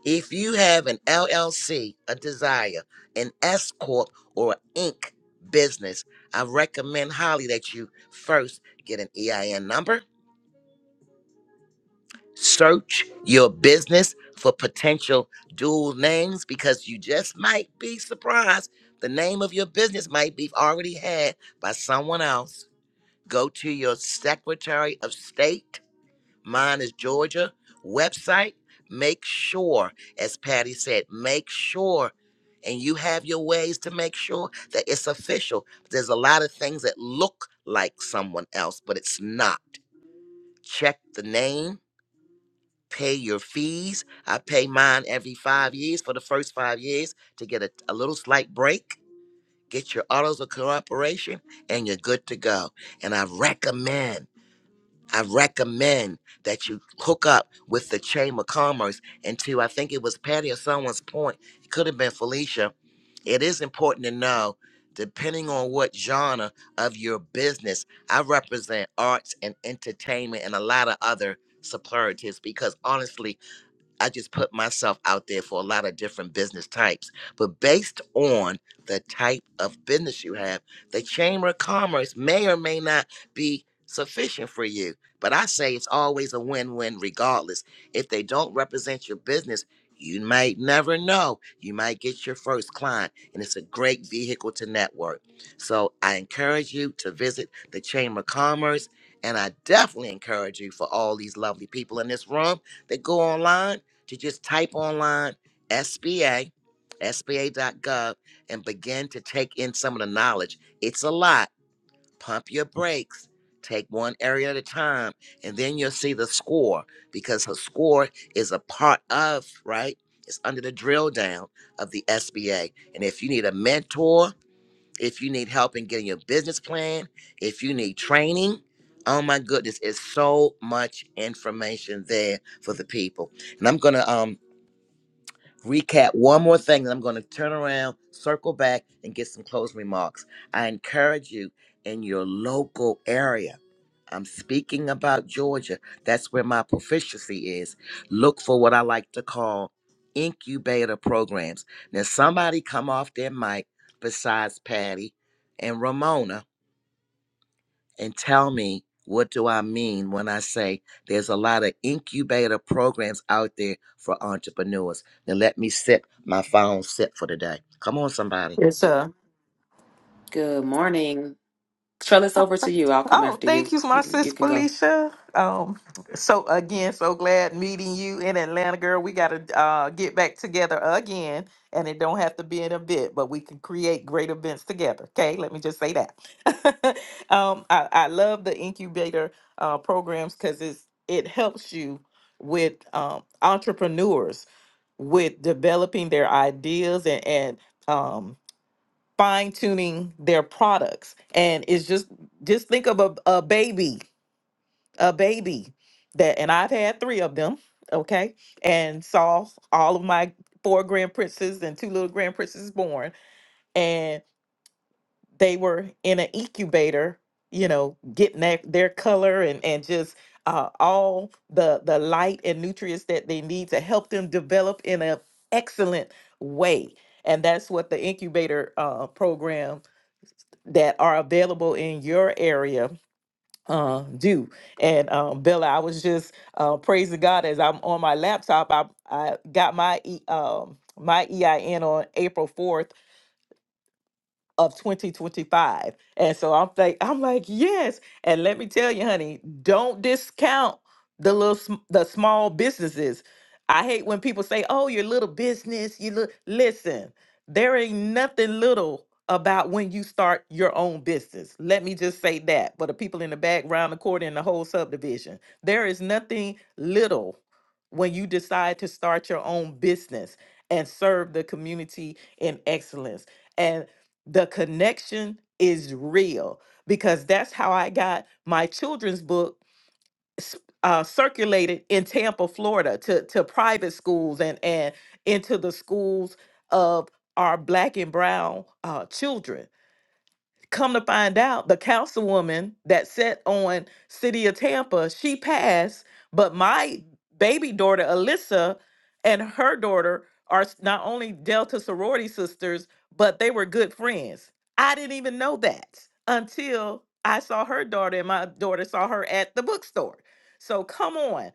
If you have an LLC, a desire, an S Corp, or an Inc. business, I recommend highly that you first get an EIN number Search your business for potential dual names because you just might be surprised. The name of your business might be already had by someone else. Go to your Secretary of State, mine is Georgia, website. Make sure, as Patty said, make sure, and you have your ways to make sure that it's official. There's a lot of things that look like someone else, but it's not. Check the name pay your fees. I pay mine every five years for the first five years to get a, a little slight break, get your autos of cooperation, and you're good to go. And I recommend, I recommend that you hook up with the Chamber of Commerce. And to, I think it was Patty or someone's point, it could have been Felicia. It is important to know, depending on what genre of your business, I represent arts and entertainment and a lot of other superlatives because honestly, I just put myself out there for a lot of different business types. But based on the type of business you have, the Chamber of Commerce may or may not be sufficient for you. But I say it's always a win win, regardless. If they don't represent your business, you might never know. You might get your first client, and it's a great vehicle to network. So I encourage you to visit the Chamber of Commerce, and I definitely encourage you for all these lovely people in this room that go online to just type online SBA, SBA.gov, and begin to take in some of the knowledge. It's a lot. Pump your brakes, take one area at a time, and then you'll see the score because her score is a part of, right? It's under the drill down of the SBA. And if you need a mentor, if you need help in getting your business plan, if you need training, oh my goodness, it's so much information there for the people. And I'm gonna um recap one more thing, and I'm going to turn around, circle back, and get some closing remarks. I encourage you in your local area. I'm speaking about Georgia. That's where my proficiency is. Look for what I like to call incubator programs. Now, somebody come off their mic besides Patty and Ramona and tell me what do I mean when I say there's a lot of incubator programs out there for entrepreneurs. Now let me sip my final sip for today. Come on, somebody.
Yes, sir.
Good morning. Trellis, over to you. I'll come
Oh,
after
thank
you.
you, my
You can you
sis
can go.
Felicia. Um, so again, so glad meeting you in Atlanta, girl. We gotta uh get back together again, and it don't have to be an event, but we can create great events together. Okay, let me just say that. um, I, I love the incubator uh programs because it's it helps you with um entrepreneurs with developing their ideas and and um fine tuning their products. And it's just just think of a, a baby, a baby that and I've had three of them, okay, and saw all of my four grand princes and two little grand princes born. And they were in an incubator, you know, getting their, their color and, and just uh, all the the light and nutrients that they need to help them develop in an excellent way. And that's what the incubator uh, program that are available in your area uh, do. And um, Bella, I was just uh, praising God as I'm on my laptop. I I got my e, um, my EIN on April 4th of 2025. And so I'm like, I'm like, yes. And let me tell you, honey, don't discount the little sm- the small businesses. I hate when people say, "Oh, your little business." You look. Listen, there ain't nothing little about when you start your own business. Let me just say that. For the people in the background, the court, and the whole subdivision, there is nothing little when you decide to start your own business and serve the community in excellence the connection is real because that's how I got my children's book s- uh, circulated in Tampa, Florida, to to private schools and and into the schools of our black and brown uh, children. Come to find out, the councilwoman that sat on City of Tampa, she passed, but my baby daughter, Alyssa, and her daughter are s- not only Delta sorority sisters, but they were good friends. I didn't even know that until I saw her daughter and my daughter saw her at the bookstore. So come on.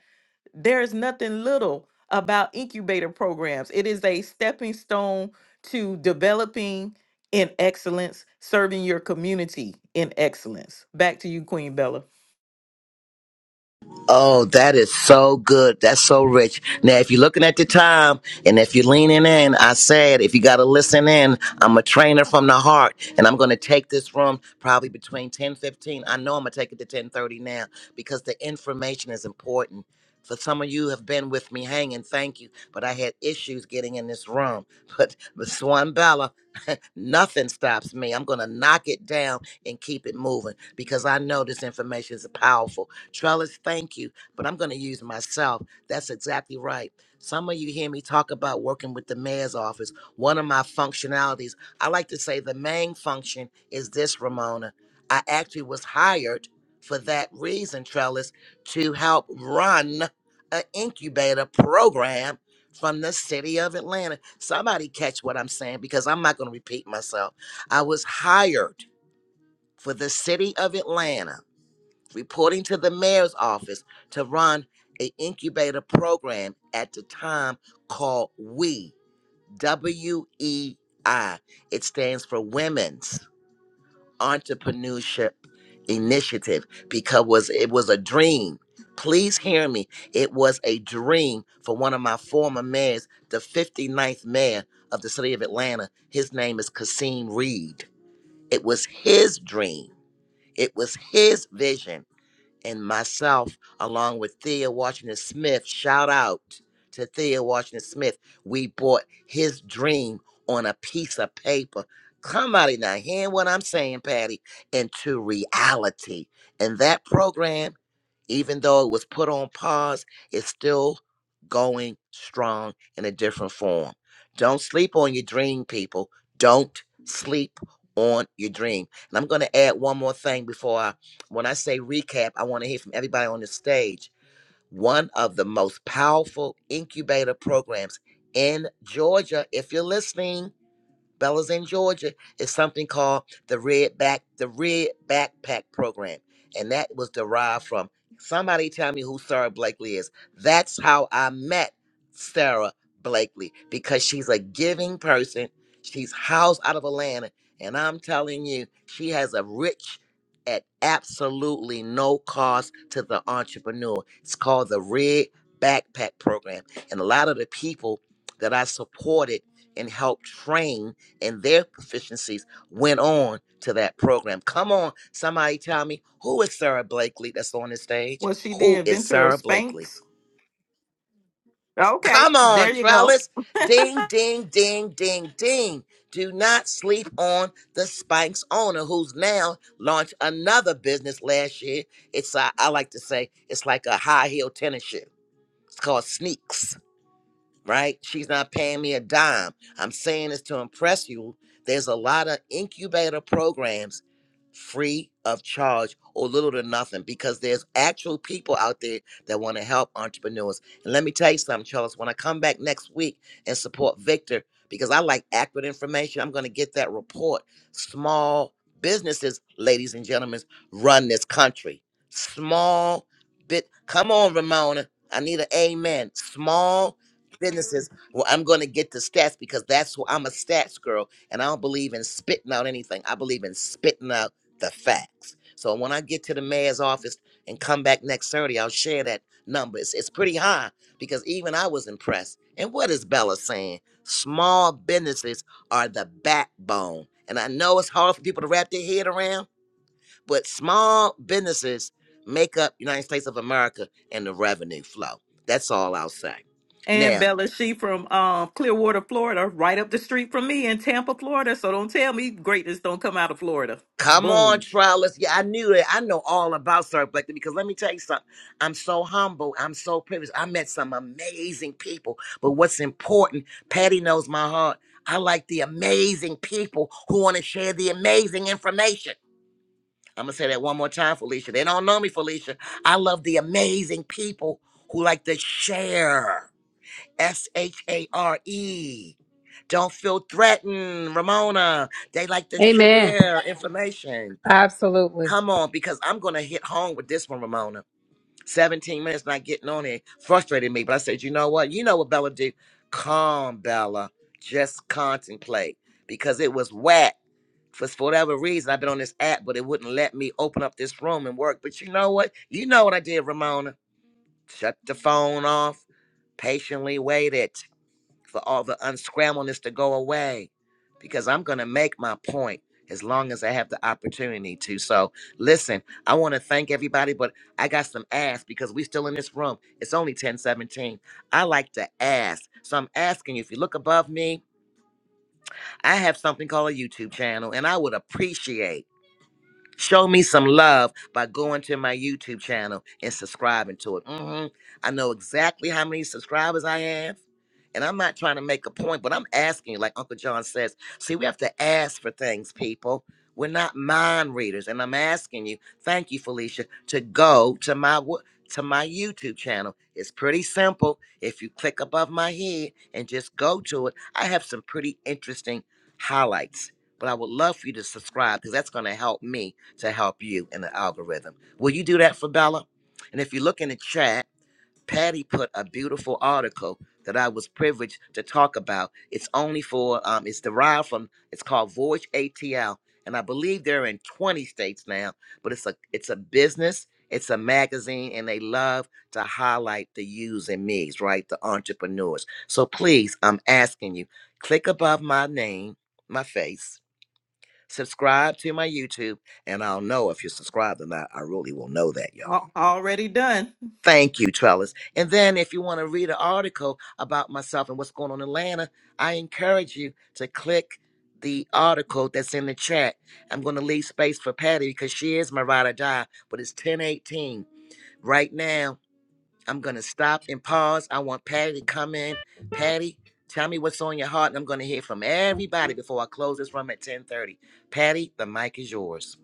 There is nothing little about incubator programs. It is a stepping stone to developing in excellence, serving your community in excellence. Back to you, Queen Bella.
Oh, that is so good. That's so rich. Now, if you're looking at the time and if you're leaning in, I said, if you got to listen in, I'm a trainer from the heart and I'm going to take this room probably between 10 15. I know I'm going to take it to 1030 now because the information is important. For some of you have been with me hanging, thank you. But I had issues getting in this room. But, but Swan Bella, nothing stops me. I'm going to knock it down and keep it moving because I know this information is powerful Trellis, thank you, but I'm going to use myself. That's exactly right. Some of you hear me talk about working with the mayor's office. One of my functionalities, I like to say the main function is this, Ramona. I actually was hired for that reason, Trellis, to help run an incubator program from the city of Atlanta. Somebody catch what I'm saying because I'm not going to repeat myself. I was hired for the city of Atlanta reporting to the mayor's office to run an incubator program at the time called WE, W E I. It stands for Women's Entrepreneurship Initiative because was it was a dream. Please hear me. It was a dream for one of my former mayors, the fifty-ninth mayor of the city of Atlanta. His name is Kasim Reed. It was his dream. It was his vision and myself, along with Thea Washington Smith. Shout out to Thea Washington Smith. We bought his dream on a piece of paper. Come out of now, hearing what I'm saying, Patty, into reality. And that program, even though it was put on pause, is still going strong in a different form. Don't sleep on your dream, people. Don't sleep on your dream. And I'm going to add one more thing before I when I say recap, I want to hear from everybody on the stage. One of the most powerful incubator programs in Georgia. If you're listening, Bella's in Georgia, is something called the Red Back the Red Backpack Program, and that was derived from somebody tell me who Sarah Blakely is. That's how I met Sarah Blakely because she's a giving person. She's housed out of Atlanta, and I'm telling you, she has a rich at absolutely no cost to the entrepreneur. It's called the Red Backpack Program, and a lot of the people that I supported and helped train and their proficiencies went on to that program. Come on, somebody tell me who is Sarah Blakely that's on the stage?
Was she the
Who is
inventor of
Sarah Blakely?
Spanx? Okay,
Come on,
there you go.
Trellis. Ding, ding, ding, ding, ding. Do not sleep on the Spanx owner who's now launched another business last year. It's, uh, I like to say, it's like a high heel tennis shoe. It's called Sneaks. right? She's not paying me a dime. I'm saying this to impress you. There's a lot of incubator programs free of charge or little to nothing because there's actual people out there that want to help entrepreneurs. And let me tell you something, Charles, when I come back next week and support Victor, because I like accurate information, I'm going to get that report. Small businesses, ladies and gentlemen, run this country. Small bit. Come on, Ramona. I need an amen. Small businesses. Well, I'm going to get the stats because that's who I'm a stats girl, and I don't believe in spitting out anything. I believe in spitting out the facts. So when I get to the mayor's office and come back next Saturday, I'll share that number. It's, it's pretty high because even I was impressed. And what is Bella saying? Small businesses are the backbone. And I know it's hard for people to wrap their head around, but small businesses make up United States of America and the revenue flow. That's all I'll say.
And
Now,
Bella, she from um, Clearwater, Florida, right up the street from me in Tampa, Florida. So don't tell me greatness don't come out of Florida.
Come on,
Boom.
Trellis. Yeah, I knew it. I know all about Sir Blakely because let me tell you something. I'm so humble. I'm so privileged. I met some amazing people. But what's important, Patty knows my heart. I like the amazing people who want to share the amazing information. I'm going to say that one more time, Felicia. They don't know me, Felicia. I love the amazing people who like to share. S H A R E. Don't feel threatened, Ramona. They like to
Amen.
share information.
absolutely
Come on, because I'm going to hit home with this one, Ramona. 17 minutes not getting on it frustrated me, but I said, you know what? You know what Bella do? Calm, Bella. Just contemplate because it was whack. For for whatever reason, I've been on this app, but it wouldn't let me open up this room and work. But you know what? You know what I did, Ramona? Shut the phone off, patiently waited for all the unscrambleness to go away because I'm going to make my point as long as I have the opportunity to. So, listen, I want to thank everybody, but I got some ask because we still in this room. It's only 1017. I like to ask. So I'm asking you, if you look above me, I have something called a YouTube channel and I would appreciate Show me some love by going to my YouTube channel and subscribing to it. hmm I know exactly how many subscribers I have. And I'm not trying to make a point, but I'm asking you, like Uncle John says. See, we have to ask for things, people. We're not mind readers. And I'm asking you, thank you, Felicia, to go to my wo- to my YouTube channel. It's pretty simple. If you click above my head and just go to it, I have some pretty interesting highlights. But I would love for you to subscribe because that's going to help me to help you in the algorithm. Will you do that for Bella? And if you look in the chat, Patty put a beautiful article that I was privileged to talk about. It's only for, um, it's derived from, it's called Voyage ATL, and I believe they're in 20 states now. But it's a, it's a business, it's a magazine, and they love to highlight the yous and me's, right? The entrepreneurs. So please, I'm asking you, click above my name, my face subscribe to my YouTube, and I'll know if you're subscribed or not. I really will know that,
Al-
y'all.
Already done.
Thank you, Trellis. And then if you want to read an article about myself and what's going on in Atlanta, I encourage you to click the article that's in the chat. I'm going to leave space for Patty because she is my ride or die, but it's 1018. Right now, I'm going to stop and pause. I want Patty to come in. Patty, tell me what's on your heart, and I'm going to hear from everybody before I close this room at 1030. Patty, the mic is yours.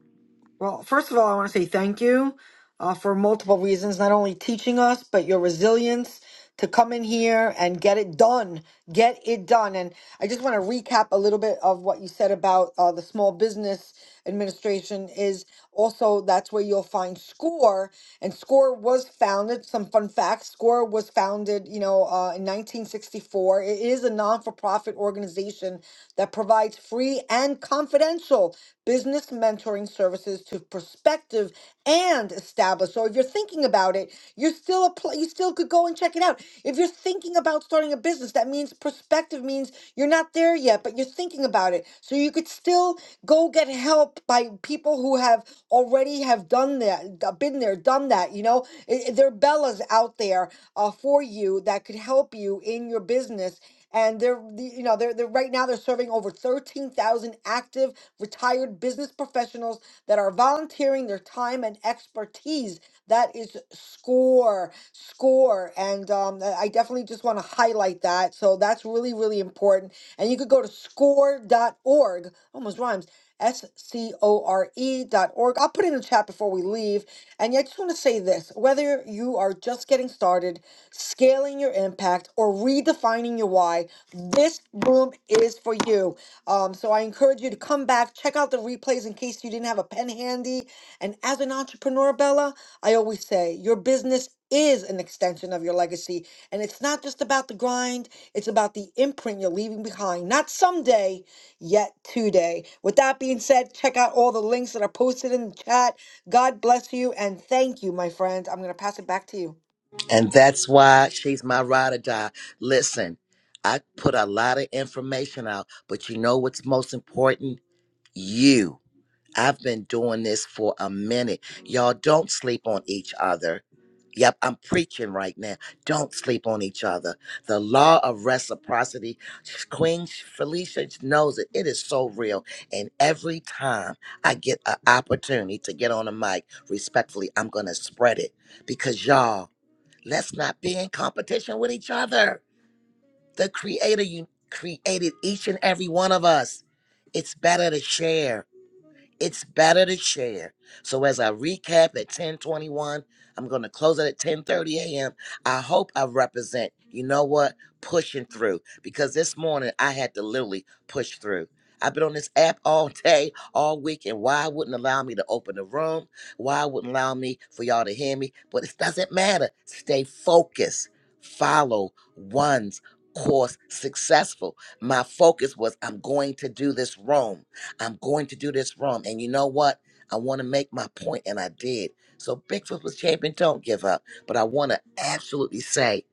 Well, first of all, I want to say thank you uh, for multiple reasons, not only teaching us, but your resilience to come in here and get it done. Get it done. And I just want to recap a little bit of what you said about uh, the Small Business Administration is also that's where you'll find SCORE. And SCORE was founded, some fun facts, SCORE was founded, you know, uh, in 1964. It is a non-for-profit organization that provides free and confidential vital business mentoring services to prospective and established. So if you're thinking about it, you're still apply, you still could go and check it out. If you're thinking about starting a business, that means prospective means you're not there yet, but you're thinking about it. So you could still go get help by people who have already have done that, d- been there, done that. You know, I- I- there are Bellas out there uh, for you that could help you in your business and they're the- you know they're, they're right now they're serving over 13,000 active retired business professionals that are volunteering their time and expertise that is score score and um, i I definitely just want to highlight that so that's really really important and you could go to score dot org. almost rhymes S-C-O-R-E dot org. I'll put it in the chat before we leave. And yeah, I just want to say this, whether you are just getting started, scaling your impact, or redefining your why, this room is for you. Um, so I encourage you to come back, check out the replays in case you didn't have a pen handy. And as an entrepreneur, Bella, I always say your business is an extension of your legacy. And it's not just about the grind, it's about the imprint you're leaving behind. Not someday, yet today. With that being said, check out all the links that are posted in the chat. God bless you and thank you, my friends. I'm going to pass it back to you.
And that's why she's my ride or die. Listen, I put a lot of information out, but you know what's most important? You. I've been doing this for a minute. Y'all don't sleep on each other. Yep, I'm preaching right now. Don't sleep on each other. The law of reciprocity, Queen Felicia knows it. It is so real. And every time I get an opportunity to get on a mic, respectfully, I'm going to spread it because y'all. Let's not be in competition with each other. The creator you created each and every one of us. It's better to share it's better to share. So as I recap at 1021, I'm going to close it at 1030 a.m. I hope I represent, you know what, pushing through because this morning I had to literally push through. I've been on this app all day, all week, and why wouldn't allow me to open the room? Why wouldn't allow me for y'all to hear me? But it doesn't matter. Stay focused. Follow one's course successful. My focus was I'm going to do this room. I'm going to do this wrong. And you know what? I want to make my point, and I did. So Bigfoot was champion. Don't give up. But I want to absolutely say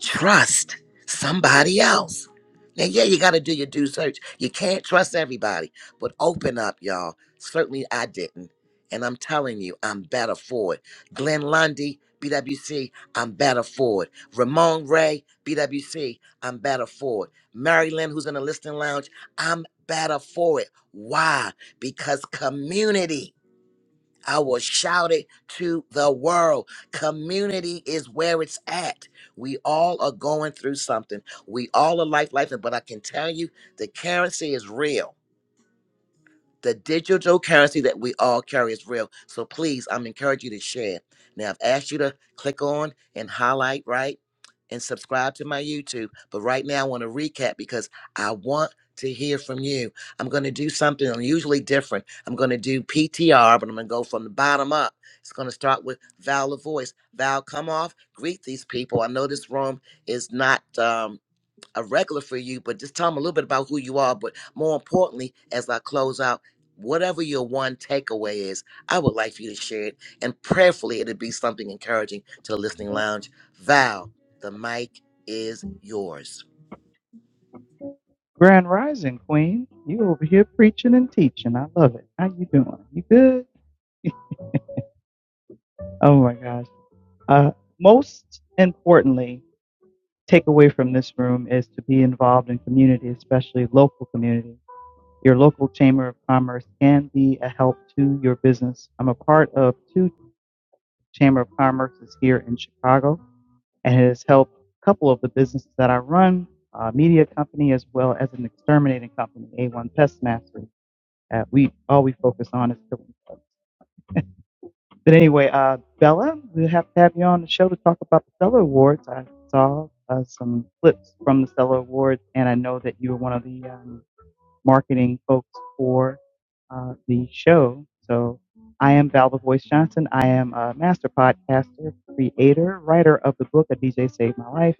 Trust somebody else. Now, yeah, you got to do your due search. You can't trust everybody, but open up, y'all. Certainly, I didn't. And I'm telling you, I'm better for it. Glenn Lundy, BWC, I'm better for it. Ramon Ray, BWC, I'm better for it. Mary Lynn, who's in the listening lounge, I'm better for it. Why? Because community. I will shout it to the world. Community is where it's at. We all are going through something. We all are like life, but I can tell you the currency is real the digital currency that we all carry is real. So please, I'm encouraging you to share. Now, I've asked you to click on and highlight, right? And subscribe to my YouTube. But right now, I want to recap because I want to hear from you. I'm going to do something unusually different. I'm going to do PTR, but I'm going to go from the bottom up. It's going to start with Val LaVoice. Val, come off, greet these people. I know this room is not. Um, a regular for you, but just tell them a little bit about who you are. But more importantly, as I close out, whatever your one takeaway is, I would like for you to share it. And prayerfully, it'll be something encouraging to the listening lounge. Val, the mic is yours.
Grand Rising Queen, you over here preaching and teaching. I love it. How you doing? You good? Oh my gosh. Uh, most importantly, take away from this room is to be involved in community, especially local community. Your local chamber of commerce can be a help to your business. I'm a part of two chamber of commerces here in Chicago, and it has helped a couple of the businesses that I run, a media company as well as an exterminating company, A1 Pest Mastery. Uh, we all we focus on is filming folks. But anyway, uh, Bella, we have to have you on the show to talk about the Stellar Awards. I saw uh, some clips from the Stellar Awards, and I know that you were one of the um, marketing folks for uh, the show. So I am Val the Voice Johnson. I am a master podcaster, creator, writer of the book A DJ Saved My Life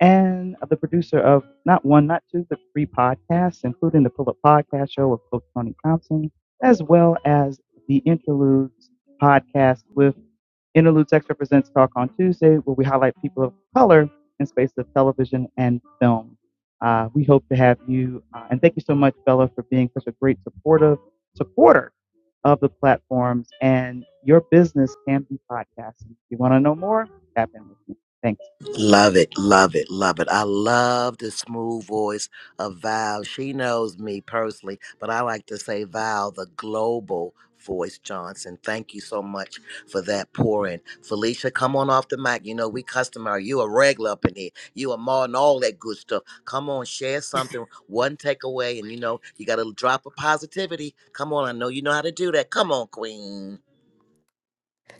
and the producer of not one, not two, but three podcasts, including the Pull Up Podcast Show with Coach Tony Thompson, as well as the Interludes podcast with Interludes X Represents Talk on Tuesday, where we highlight people of color in space of television and film. Uh, we hope to have you, uh, and thank you so much, Bella, for being such a great supportive supporter of the platforms and your business can be podcasting. If you want to know more, tap in with me. Thanks.
Love it, love it, love it. I love the smooth voice of Val. She knows me personally, but I like to say Val, the global voice Johnson. Thank you so much for that pour in. Felicia, come on off the mic. You know, we customer. You a regular up in here. You a ma and all that good stuff. Come on, share something, one takeaway, and you know, you got to drop of positivity. Come on, I know you know how to do that. Come on, Queen.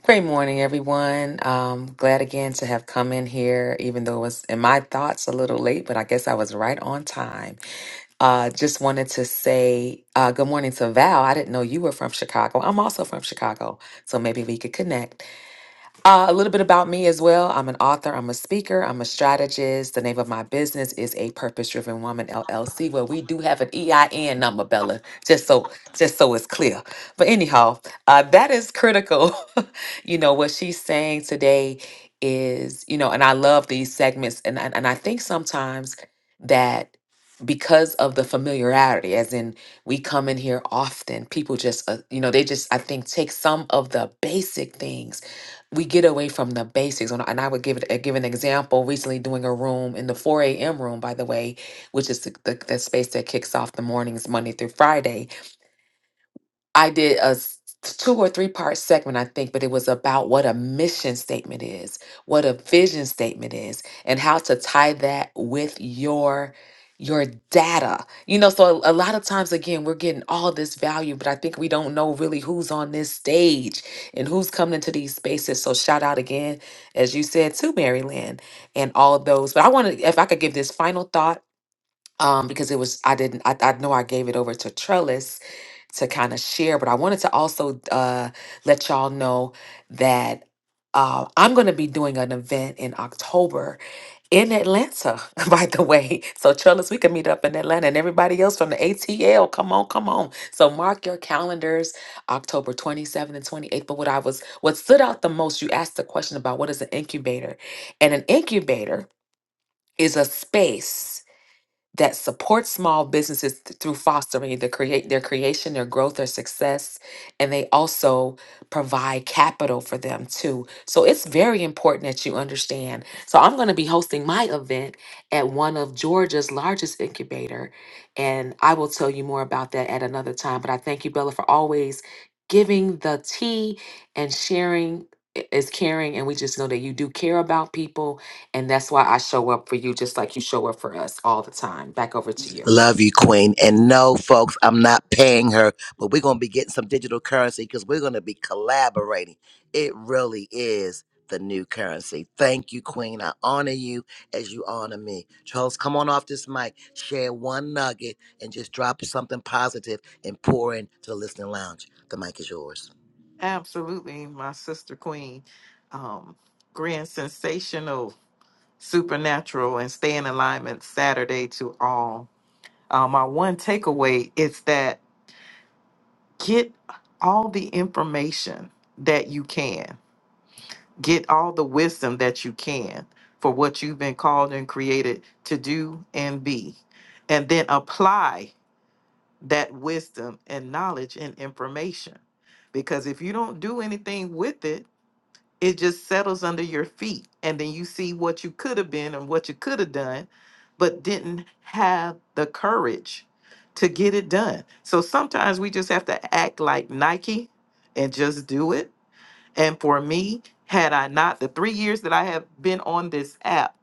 Great morning, everyone. Um, glad again to have come in here, even though it was in my thoughts a little late, but I guess I was right on time. Uh, just wanted to say uh, good morning to Val. I didn't know you were from Chicago. I'm also from Chicago, so maybe we could connect. Uh, a little bit about me as well. I'm an author, I'm a speaker, I'm a strategist. The name of my business is A Purpose Driven Woman LLC, where we do have an EIN number, Bella, just so just so it's clear. But anyhow, uh, that is critical. you know, what she's saying today is, you know, and I love these segments and and, and I think sometimes that because of the familiarity as in we come in here often people just uh, you know they just i think take some of the basic things we get away from the basics. And I and I would give it, uh, give an example recently doing a room in the 4 a.m. room, by the way, which is the, the, the space that kicks off the mornings Monday through Friday. I did a s- two or three part segment, I think, but it was about what a mission statement is, what a vision statement is, and how to tie that with your your data. You know, so a, a lot of times again, we're getting all this value, but I think we don't know really who's on this stage and who's coming into these spaces. So shout out again, as you said, to Maryland and all of those. But I want to if I could give this final thought um, because it was I didn't I, I know I gave it over to Trellis to kind of share, but I wanted to also uh, let y'all know that uh, I'm going to be doing an event in October in Atlanta. By the way, so Trellis, we can meet up in Atlanta, and everybody else from the ATL, come on, come on. So mark your calendars, October 27th and 28th. But what I was what stood out the most, you asked the question about what is an incubator, and an incubator is a space that support small businesses th- through fostering the create their creation, their growth, their success, and they also provide capital for them too. So it's very important that you understand. So I'm going to be hosting my event at one of Georgia's largest incubator, and I will tell you more about that at another time. But I thank you, Bella, for always giving the tea and sharing i- is caring, and we just know that you do care about people and that's why I show up for you just like you show up for us all the time. Back over to you.
Love you, Queen. And no, folks, I'm not paying her, but we're going to be getting some digital currency because we're going to be collaborating. It really is the new currency. Thank you, Queen. I honor you as you honor me. Charles, come on off this mic, share one nugget, and just drop something positive and pour into the listening lounge. The mic is yours.
Absolutely, my sister queen. Um, grand sensational, supernatural, and stay in alignment Saturday to all. Uh, my one takeaway is that get all the information that you can, get all the wisdom that you can for what you've been called and created to do and be, and then apply that wisdom and knowledge and information. Because if you don't do anything with it, it just settles under your feet and then you see what you could have been and what you could have done but didn't have the courage to get it done so sometimes we just have to act like nike and just do it and for me had i not the three years that i have been on this app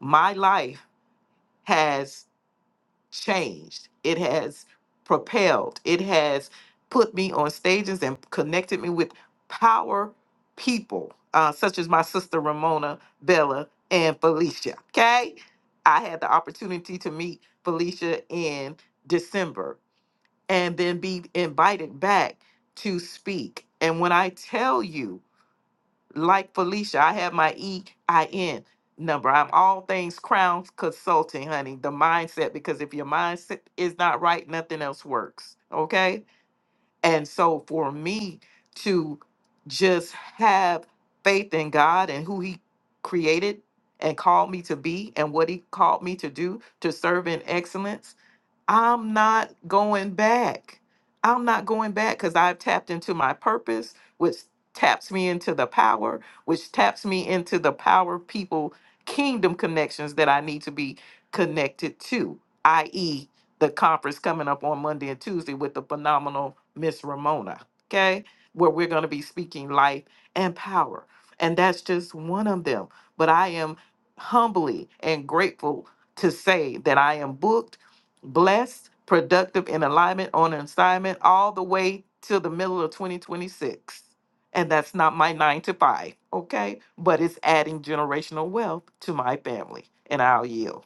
my life has changed. It has propelled. It has put me on stages and connected me with power people, uh, such as my sister Ramona, Bella, and Felicia. Okay. I had the opportunity to meet Felicia in December and then be invited back to speak. And when I tell you, like Felicia, I have my EIN number. I'm all things Crown Consulting, honey. The mindset, because if your mindset is not right, nothing else works. Okay. And so for me to just have faith in God and who He created and called me to be and what He called me to do to serve in excellence I'm not going back. I'm not going back because I've tapped into my purpose, which taps me into the power, which taps me into the power people kingdom connections that I need to be connected to, i.e., the conference coming up on Monday and Tuesday with the phenomenal Miss Ramona. Okay. Where we're going to be speaking life and power. And that's just one of them. But I am humbly and grateful to say that I am booked blessed, productive in alignment on assignment all the way till the middle of 2026. And that's not my nine to five, okay? But it's adding generational wealth to my family. And I'll yield.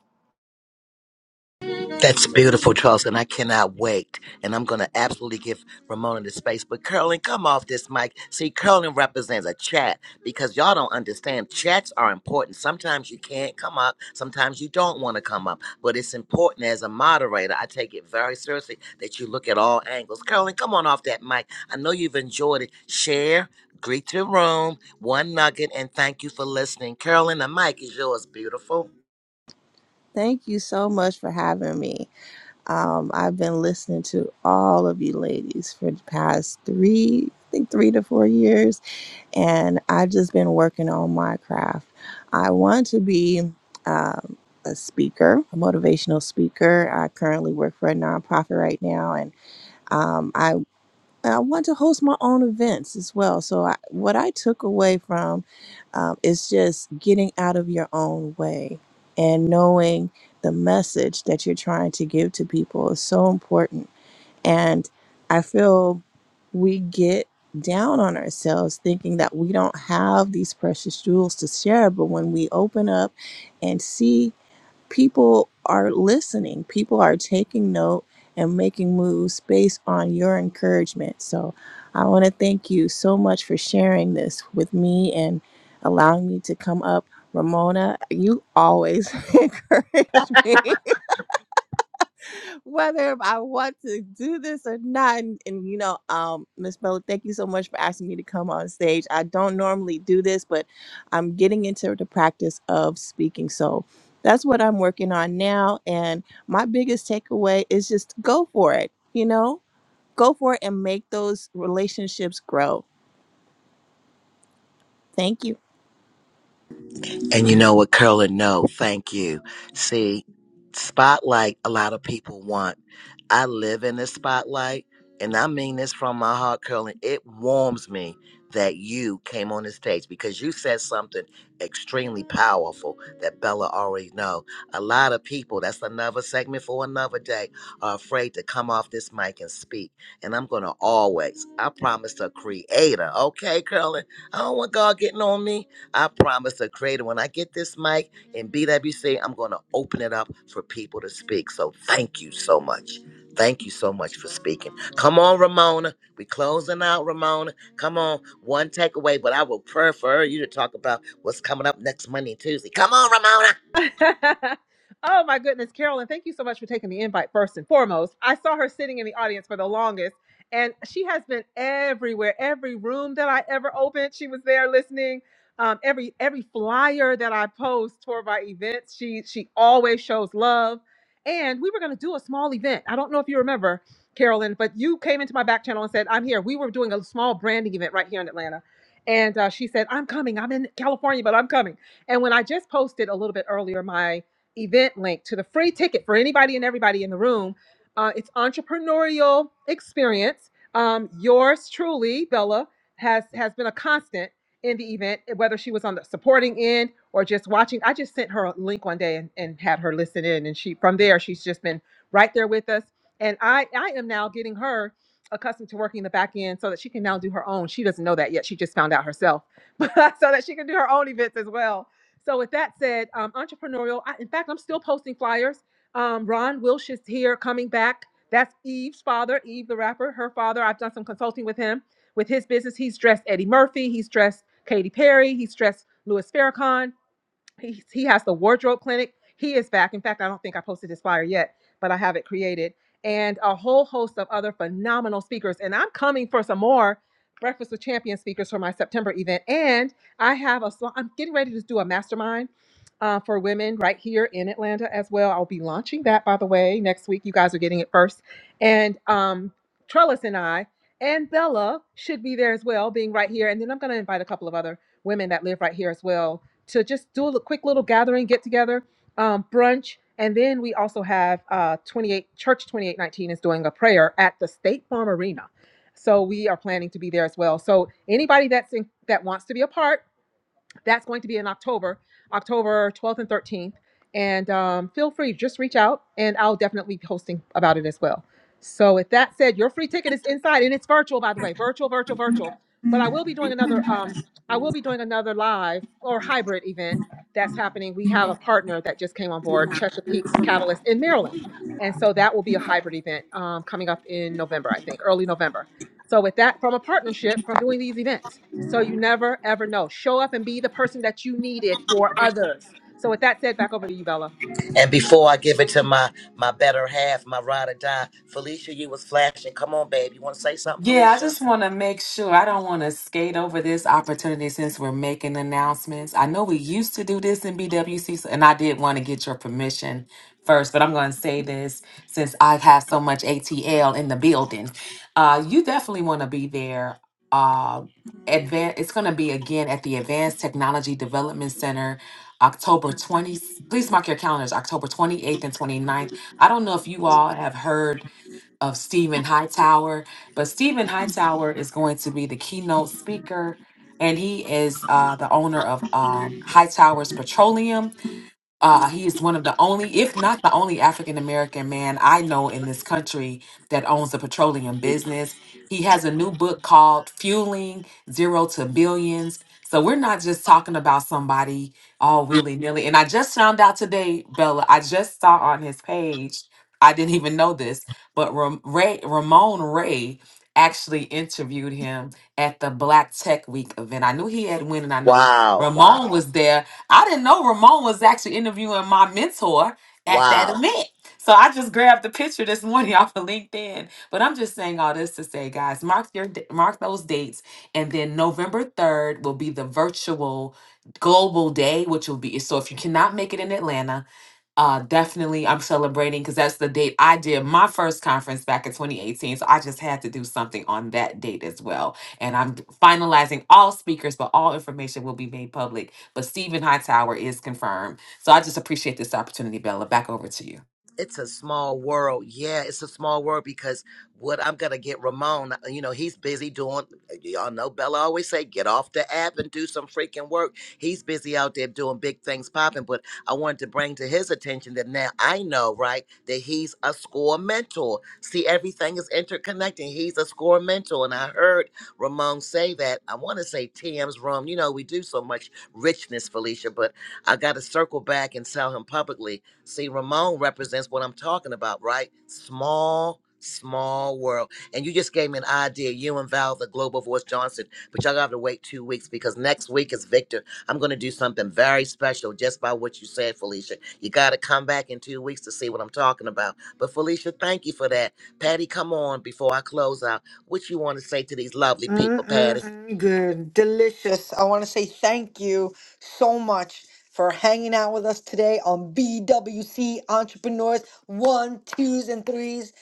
That's beautiful, Charles, and I cannot wait. And I'm going to absolutely give Ramona the space. But Curling, come off this mic. See, Curling represents a chat because y'all don't understand. Chats are important. Sometimes you can't come up, sometimes you don't want to come up. But it's important as a moderator. I take it very seriously that you look at all angles. Curling, come on off that mic. I know you've enjoyed it. Share, greet your room, one nugget, and thank you for listening. Curling, the mic is yours, beautiful.
Thank you so much for having me. Um, I've been listening to all of you ladies for the past three, I think three to four years, and I've just been working on my craft. I want to be um, a speaker, a motivational speaker. I currently work for a nonprofit right now, and um, I and I want to host my own events as well. So, I, what I took away from um, is just getting out of your own way and knowing the message that you're trying to give to people is so important. And I feel we get down on ourselves thinking that we don't have these precious jewels to share. But when we open up and see people are listening, people are taking note and making moves based on your encouragement. So I want to thank you so much for sharing this with me and allowing me to come up. Ramona, you always encourage me whether I want to do this or not. And, and, you know, um, Miss Bella, thank you so much for asking me to come on stage. I don't normally do this, but I'm getting into the practice of speaking. So that's what I'm working on now. And my biggest takeaway is just go for it, you know, go for it and make those relationships grow. Thank you.
And you know what, Curly? No, thank you. See, spotlight, a lot of people want. I live in the spotlight, and I mean this from my heart, Curly. It warms me that you came on the stage because you said something extremely powerful that Bella already know. A lot of people, that's another segment for another day, are afraid to come off this mic and speak. And I'm going to always, I promise the creator, okay, Curly? I don't want God getting on me I promise the creator when I get this mic in BWC, I'm going to open it up for people to speak. So thank you so much. Thank you so much for speaking. Come on, Ramona. we closing out, Ramona. Come on. One takeaway, but I will prefer you to talk about what's coming up next Monday and Tuesday. Come on, Ramona.
oh my goodness, Carolyn, thank you so much for taking the invite first and foremost. I saw her sitting in the audience for the longest, and she has been everywhere, every room that I ever opened, she was there listening. Um, every every flyer that I post for my events, she she always shows love. And we were gonna do a small event. I don't know if you remember, Carolyn, but you came into my back channel and said, I'm here. We were doing a small branding event right here in Atlanta. And uh, she said, I'm coming. I'm in California, but I'm coming. And when I just posted a little bit earlier my event link to the free ticket for anybody and everybody in the room, uh, it's entrepreneurial experience. Um, yours truly, Bella, has has been a constant in the event, eh, whether she was on the supporting end or just watching. I just sent her a link one day and, and had her listen in, and she from there she's just been right there with us. And I I am now getting her accustomed to working the back end so that she can now do her own. She doesn't know that yet. She just found out herself, but so that she can do her own events as well so with that said, um, entrepreneurial. I, in fact, I'm still posting flyers. Um, Ron Wilsh is here, coming back. That's Eve's father, Eve the rapper. Her father. I've done some consulting with him with his business. He's dressed Eddie Murphy. He's dressed Katy Perry. He's dressed Louis Farrakhan he, he has the wardrobe clinic. He is back. In fact, I don't think I posted his flyer yet, but I have it created. And a whole host of other phenomenal speakers. And I'm coming for some more Breakfast with Champion speakers for my September event. And I have a, sl- I'm getting ready to do a mastermind uh, for women right here in Atlanta as well. I'll be launching that, by the way, next week. You guys are getting it first. And um, Trellis and I and Bella should be there as well, being right here. And then I'm going to invite a couple of other women that live right here as well to just do a quick little gathering, get together, um, brunch. And then we also have uh, 28 Church 2819 is doing a prayer at the State Farm Arena. So we are planning to be there as well. So anybody that's in, that wants to be a part, that's going to be in October, October 12th and 13th. And um, feel free, just reach out, and I'll definitely be posting about it as well. So, with that said, your free ticket is inside, and it's virtual, by the way, virtual, virtual, virtual. But I will be doing another. Um, I will be doing another live or hybrid event that's happening. We have a partner that just came on board, Chesapeake Catalyst in Maryland, and so that will be a hybrid event um, coming up in November, I think, early November. So with that, from a partnership, from doing these events. So you never ever know. Show up and be the person that you needed for others. So with that said, back over to you, Bella.
And before I give it to my my better half, my ride or die, Felicia, you was flashing. Come on, babe. You want to say something,
Yeah, I
Felicia?
just want to make sure I don't want to skate over this opportunity since we're making announcements. I know we used to do this in BWC, so- and I did want to get your permission first, but I'm going to say this since I have so much ATL in the building. Uh, you definitely want to be there. Uh, advan it's going to be again at the Advanced Technology Development Center, October 20th. Please mark your calendars, October 28th and twenty ninth. I don't know if you all have heard of Stephen Hightower. But Stephen Hightower is going to be the keynote speaker, and he is uh, the owner of um, Hightower's Petroleum uh, he is one of the only, if not the only, African American man I know in this country that owns a petroleum business. He has a new book called Fueling Zero to Billions. So we're not just talking about somebody all willy nilly. And I just found out today, Bella, I just saw on his page, I didn't even know this, but Ram- Ray, Ramon Ray actually interviewed him at the Black Tech Week event. I knew he had win, and I know
Wow,
Ramon
wow,
was there I didn't know Ramon was actually interviewing my mentor at that
wow.
event. So I just grabbed the picture this morning off of LinkedIn. But I'm just saying all this to say, guys, mark your d- mark those dates, and then November 3rd will be the virtual global day, which will be so if you cannot make it in Atlanta, uh, definitely, I'm celebrating because that's the date I did my first conference back in 2018. So I just had to do something on that date as well. And I'm d- finalizing all speakers, but all information will be made public. But Stephen Hightower is confirmed. So I just appreciate this opportunity, Bella. Back over to you.
it's a small world. Yeah, it's a small world because what I'm gonna get Ramon, you know, he's busy doing y'all know Bella always say, get off the app and do some freaking work. He's busy out there doing big things popping, but I wanted to bring to his attention that now I know, right, that he's a score mentor. See, everything is interconnecting. He's a score mentor. And I heard Ramon say that. I wanna say TM's room. You know, we do so much richness, Felicia, but I gotta circle back and tell him publicly See, Ramon represents what I'm talking about, right? Small, small world. And you just gave me an idea. You and Val, the Global Voice Johnson, but y'all gonna have to wait two weeks because next week is Victor. I'm gonna do something very special just by what you said, Felicia. You gotta come back in two weeks to see what I'm talking about. But Felicia, thank you for that. Patty, come on before I close out. What you want to say to these lovely people, Patty?
Mm-mm-mm, good, delicious. I want to say thank you so much for hanging out with us today on BWC Entrepreneurs One, Twos, and Threes.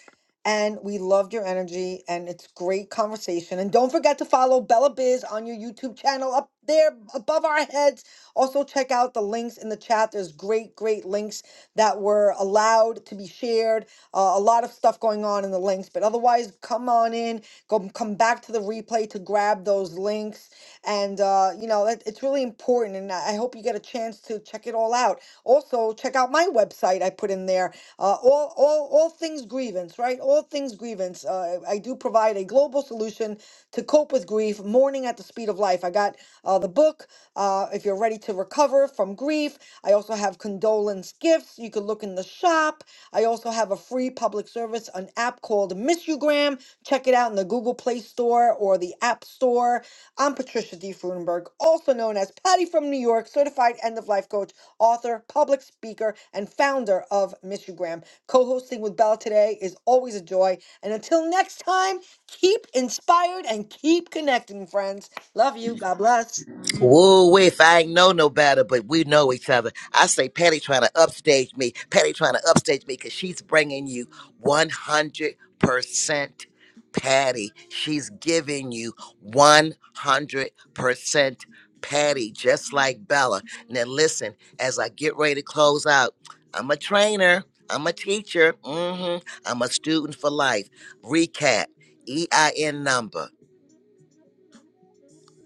And we loved your energy, and it's great conversation. And don't forget to follow Bella Biz on your YouTube channel up there above our heads. Also, check out the links in the chat. There's great, great links that were allowed to be shared. Uh, a lot of stuff going on in the links, but otherwise, come on in. Go come back to the replay to grab those links, and uh, you know it, it's really important. And I I hope you get a chance to check it all out. Also, check out my website. I put in there uh, all all all things grievance, right? All things grievance. uh, uh, I do provide a global solution to cope with grief, mourning at the speed of life. I got uh, the book, uh, if you're ready to recover from grief. I also have condolence gifts. You can look in the shop. I also have a free public service, an app called Missugram. Check it out in the Google Play Store or the App Store. I'm Patricia D. Frudenberg, also known as Patty from New York, certified end of life coach, author, public speaker, and founder of Missugram. Co hosting with Bella today is always a joy. And until next time, keep inspired and keep connecting, friends. Love you. God bless.
Woo, if I ain't know no better, but we know each other. I say Patty trying to upstage me. Patty trying to upstage me because she's bringing you 100% Patty. She's giving you 100% Patty, just like Bella. Now, listen, as I get ready to close out, I'm a trainer, I'm a teacher, hmm I'm a student for life. Recap EIN number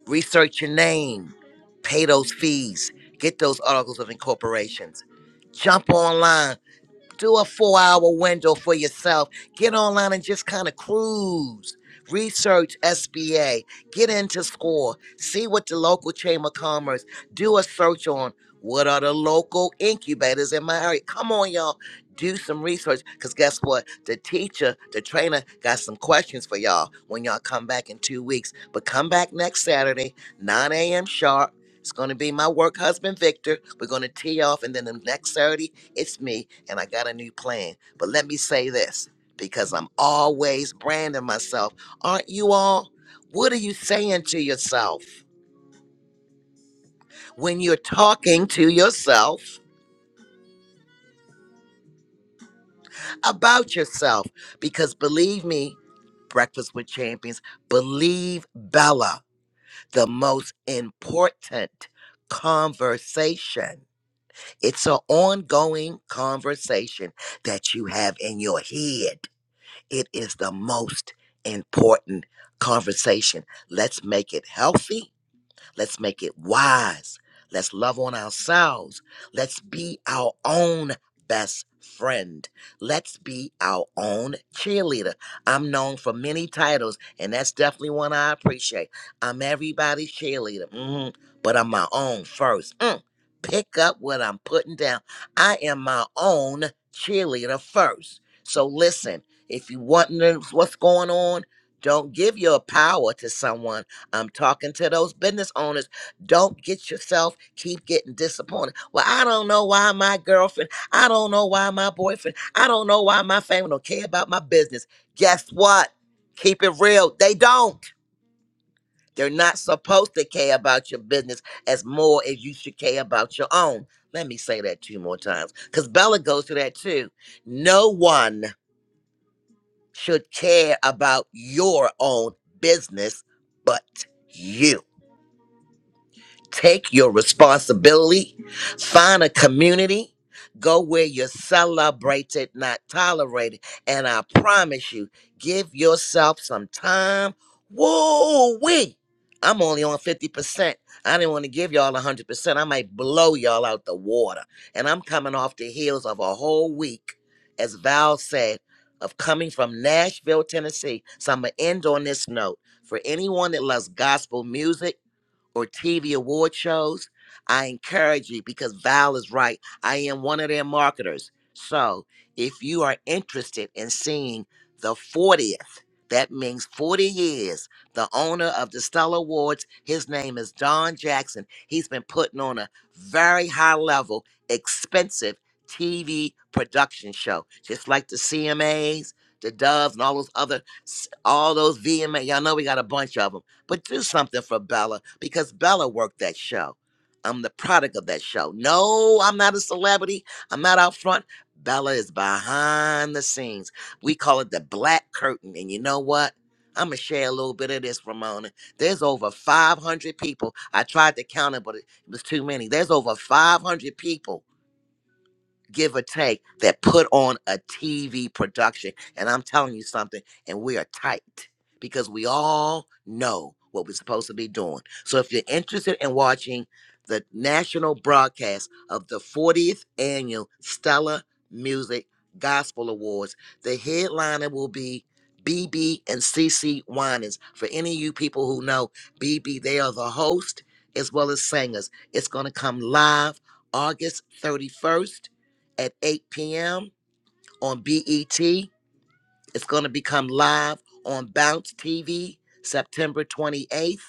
research your name, pay those fees, get those articles of incorporations, jump online do a four hour window for yourself. Get online and just kind of cruise. Research SBA. Get into SCORE. See what the local Chamber of Commerce. Do a search on what are the local incubators in my area. Come on, y'all. Do some research because guess what? The teacher, the trainer got some questions for y'all when y'all come back in two weeks. But come back next Saturday, 9 a.m. sharp. It's going to be my work husband, Victor. We're going to tee off, and then the next Saturday, it's me, and I got a new plan. But let me say this because I'm always branding myself. Aren't you all? What are you saying to yourself when you're talking to yourself about yourself? Because believe me, Breakfast with Champions, believe Bella, the most important conversation. It's an ongoing conversation that you have in your head. It is the most important conversation. Let's make it healthy Let's make it wise. Let's love on ourselves. Let's be our own best friend. Let's be our own cheerleader. I'm known for many titles, and that's definitely one I appreciate. I'm everybody's cheerleader, hmm but I'm my own first. Mm. Pick up what I'm putting down. I am my own cheerleader first. So listen, if you want to know what's going on, don't give your power to someone I'm talking to those business owners. Don't get yourself keep getting disappointed. Well, I don't know why my girlfriend, I don't know why my boyfriend, I don't know why my family don't care about my business. Guess what? Keep it real. They don't. They're not supposed to care about your business as more as you should care about your own. Let me say that two more times because Bella goes through that too. No one should care about your own business but you Take your responsibility, find a community, go where you're celebrated, not tolerated. And I promise you, give yourself some time. Whoa, wee. I'm only on 50%. I didn't want to give y'all 100%. I might blow y'all out the water. And I'm coming off the heels of a whole week, as Val said, of coming from Nashville, Tennessee. So I'm going to end on this note. For anyone that loves gospel music, or TV award shows, I encourage you because Val is right. I am one of their marketers. So if you are interested in seeing the 40th, that means 40 years, the owner of the Stella Awards, his name is Don Jackson. He's been putting on a very high level, expensive TV production show, just like the CMAs, the Doves, and all those other, all those VMA. Y'all know we got a bunch of them but do something for Bella because Bella worked that show. I'm the product of that show. No, I'm not a celebrity. I'm not out front. Bella is behind the scenes. We call it the black curtain. And you know what? I'm gonna share a little bit of this, Ramona. There's over 500 people. I tried to count it, but it was too many. There's over 500 people give or take that put on a TV production. And I'm telling you something, and we are tight because we all know what we're supposed to be doing. So if you're interested in watching the national broadcast of the 40th annual Stellar Music Gospel Awards, the headliner will be BB and CC Winans. For any of you people who know BB, they are the host as well as singers. It's going to come live August 31st at 8 p.m. on BET. It's going to become live on Bounce TV September 28th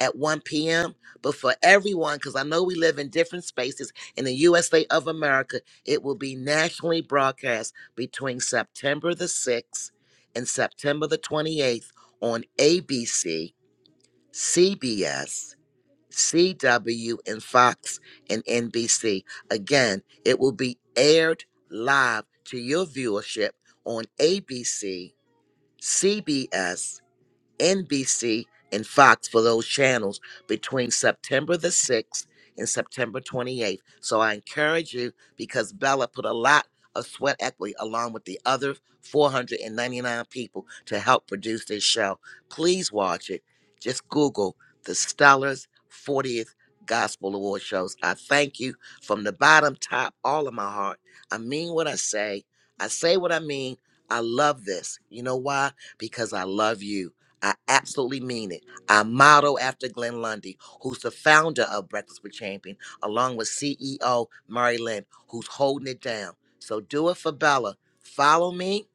at 1 p.m. But for everyone, because I know we live in different spaces in the USA of America, it will be nationally broadcast between September the 6th and September the 28th on ABC, CBS. CW, and Fox and NBC. Again, it will be aired live to your viewership on ABC, CBS, NBC, and Fox for those channels between September the 6th and September 28th. So I encourage you because Bella put a lot of sweat equity along with the other 499 people to help produce this show. Please watch it. Just Google the Stellars 40th Gospel Award shows. I thank you from the bottom, top, all of my heart. I mean what I say. I say what I mean. I love this. You know why? Because I love you. I absolutely mean it. I model after Glenn Lundy, who's the founder of Breakfast with Champion, along with CEO Murray Lynn, who's holding it down. So do it for Bella. Follow me,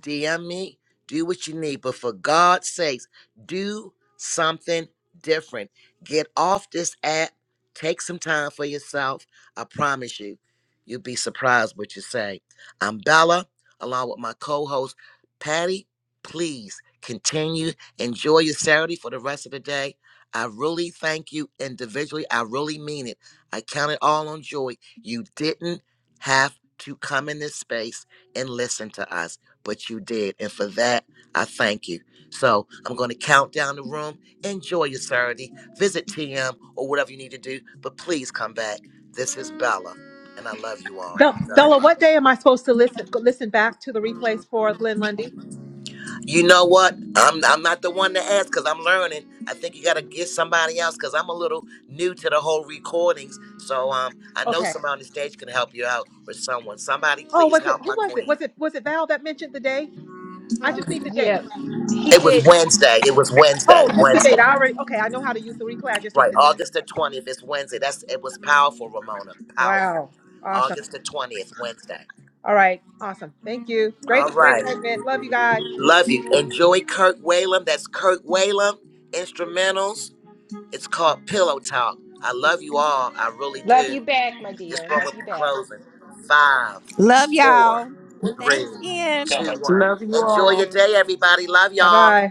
DM me, do what you need. But for God's sakes, do something different. Get off this app. Take some time for yourself. I promise you, you'll be surprised what you say. I'm Bella, along with my co-host Patty. Please continue Enjoy your Saturday for the rest of the day. I really thank you individually. I really mean it. I count it all on joy. You didn't have to come in this space and listen to us, but you did. And for that, I thank you. So I'm going to count down the room. Enjoy your Saturday. Visit TM or whatever you need to do, but please come back. This is Bella, and I love you all
Bel-
very
Bella,
much.
what day am I supposed to listen listen back to the replays for Glenn Lundy?
You know what? I'm I'm not the one to ask because I'm learning. I think you gotta get somebody else because I'm a little new to the whole recordings. So um, I know
Okay.
somebody on the stage can help you out with someone. Somebody
Oh,
please
was it
help
who
my
was it?
queen.
Was it was it Val that mentioned the day? I just need the date.
Yeah, He
It was
did.
Wednesday. It was Wednesday.
Oh, just the date.
Wednesday.
I already okay, I know how to use the replay. I just need
Right,
the date.
August the twentieth. It's Wednesday. That's it was powerful, Ramona. Powerful.
Wow. Awesome.
August the twentieth, Wednesday.
All right. Awesome. Thank you. Great,
All
great
right.
segment. Love you guys.
Love you. Enjoy Kirk Whalum. That's Kirk Whalum. Instrumentals. It's called Pillow Talk. I love you all. I really
Love
do.
you back, my
This
dear.
one
Love
will be
you back.
closing. Five,
Love
four,
y'all.
three,
Thanks again.
No. I-
two, one.
Love you
Enjoy your
all.
day, everybody. Love
Bye
y'all.
bye.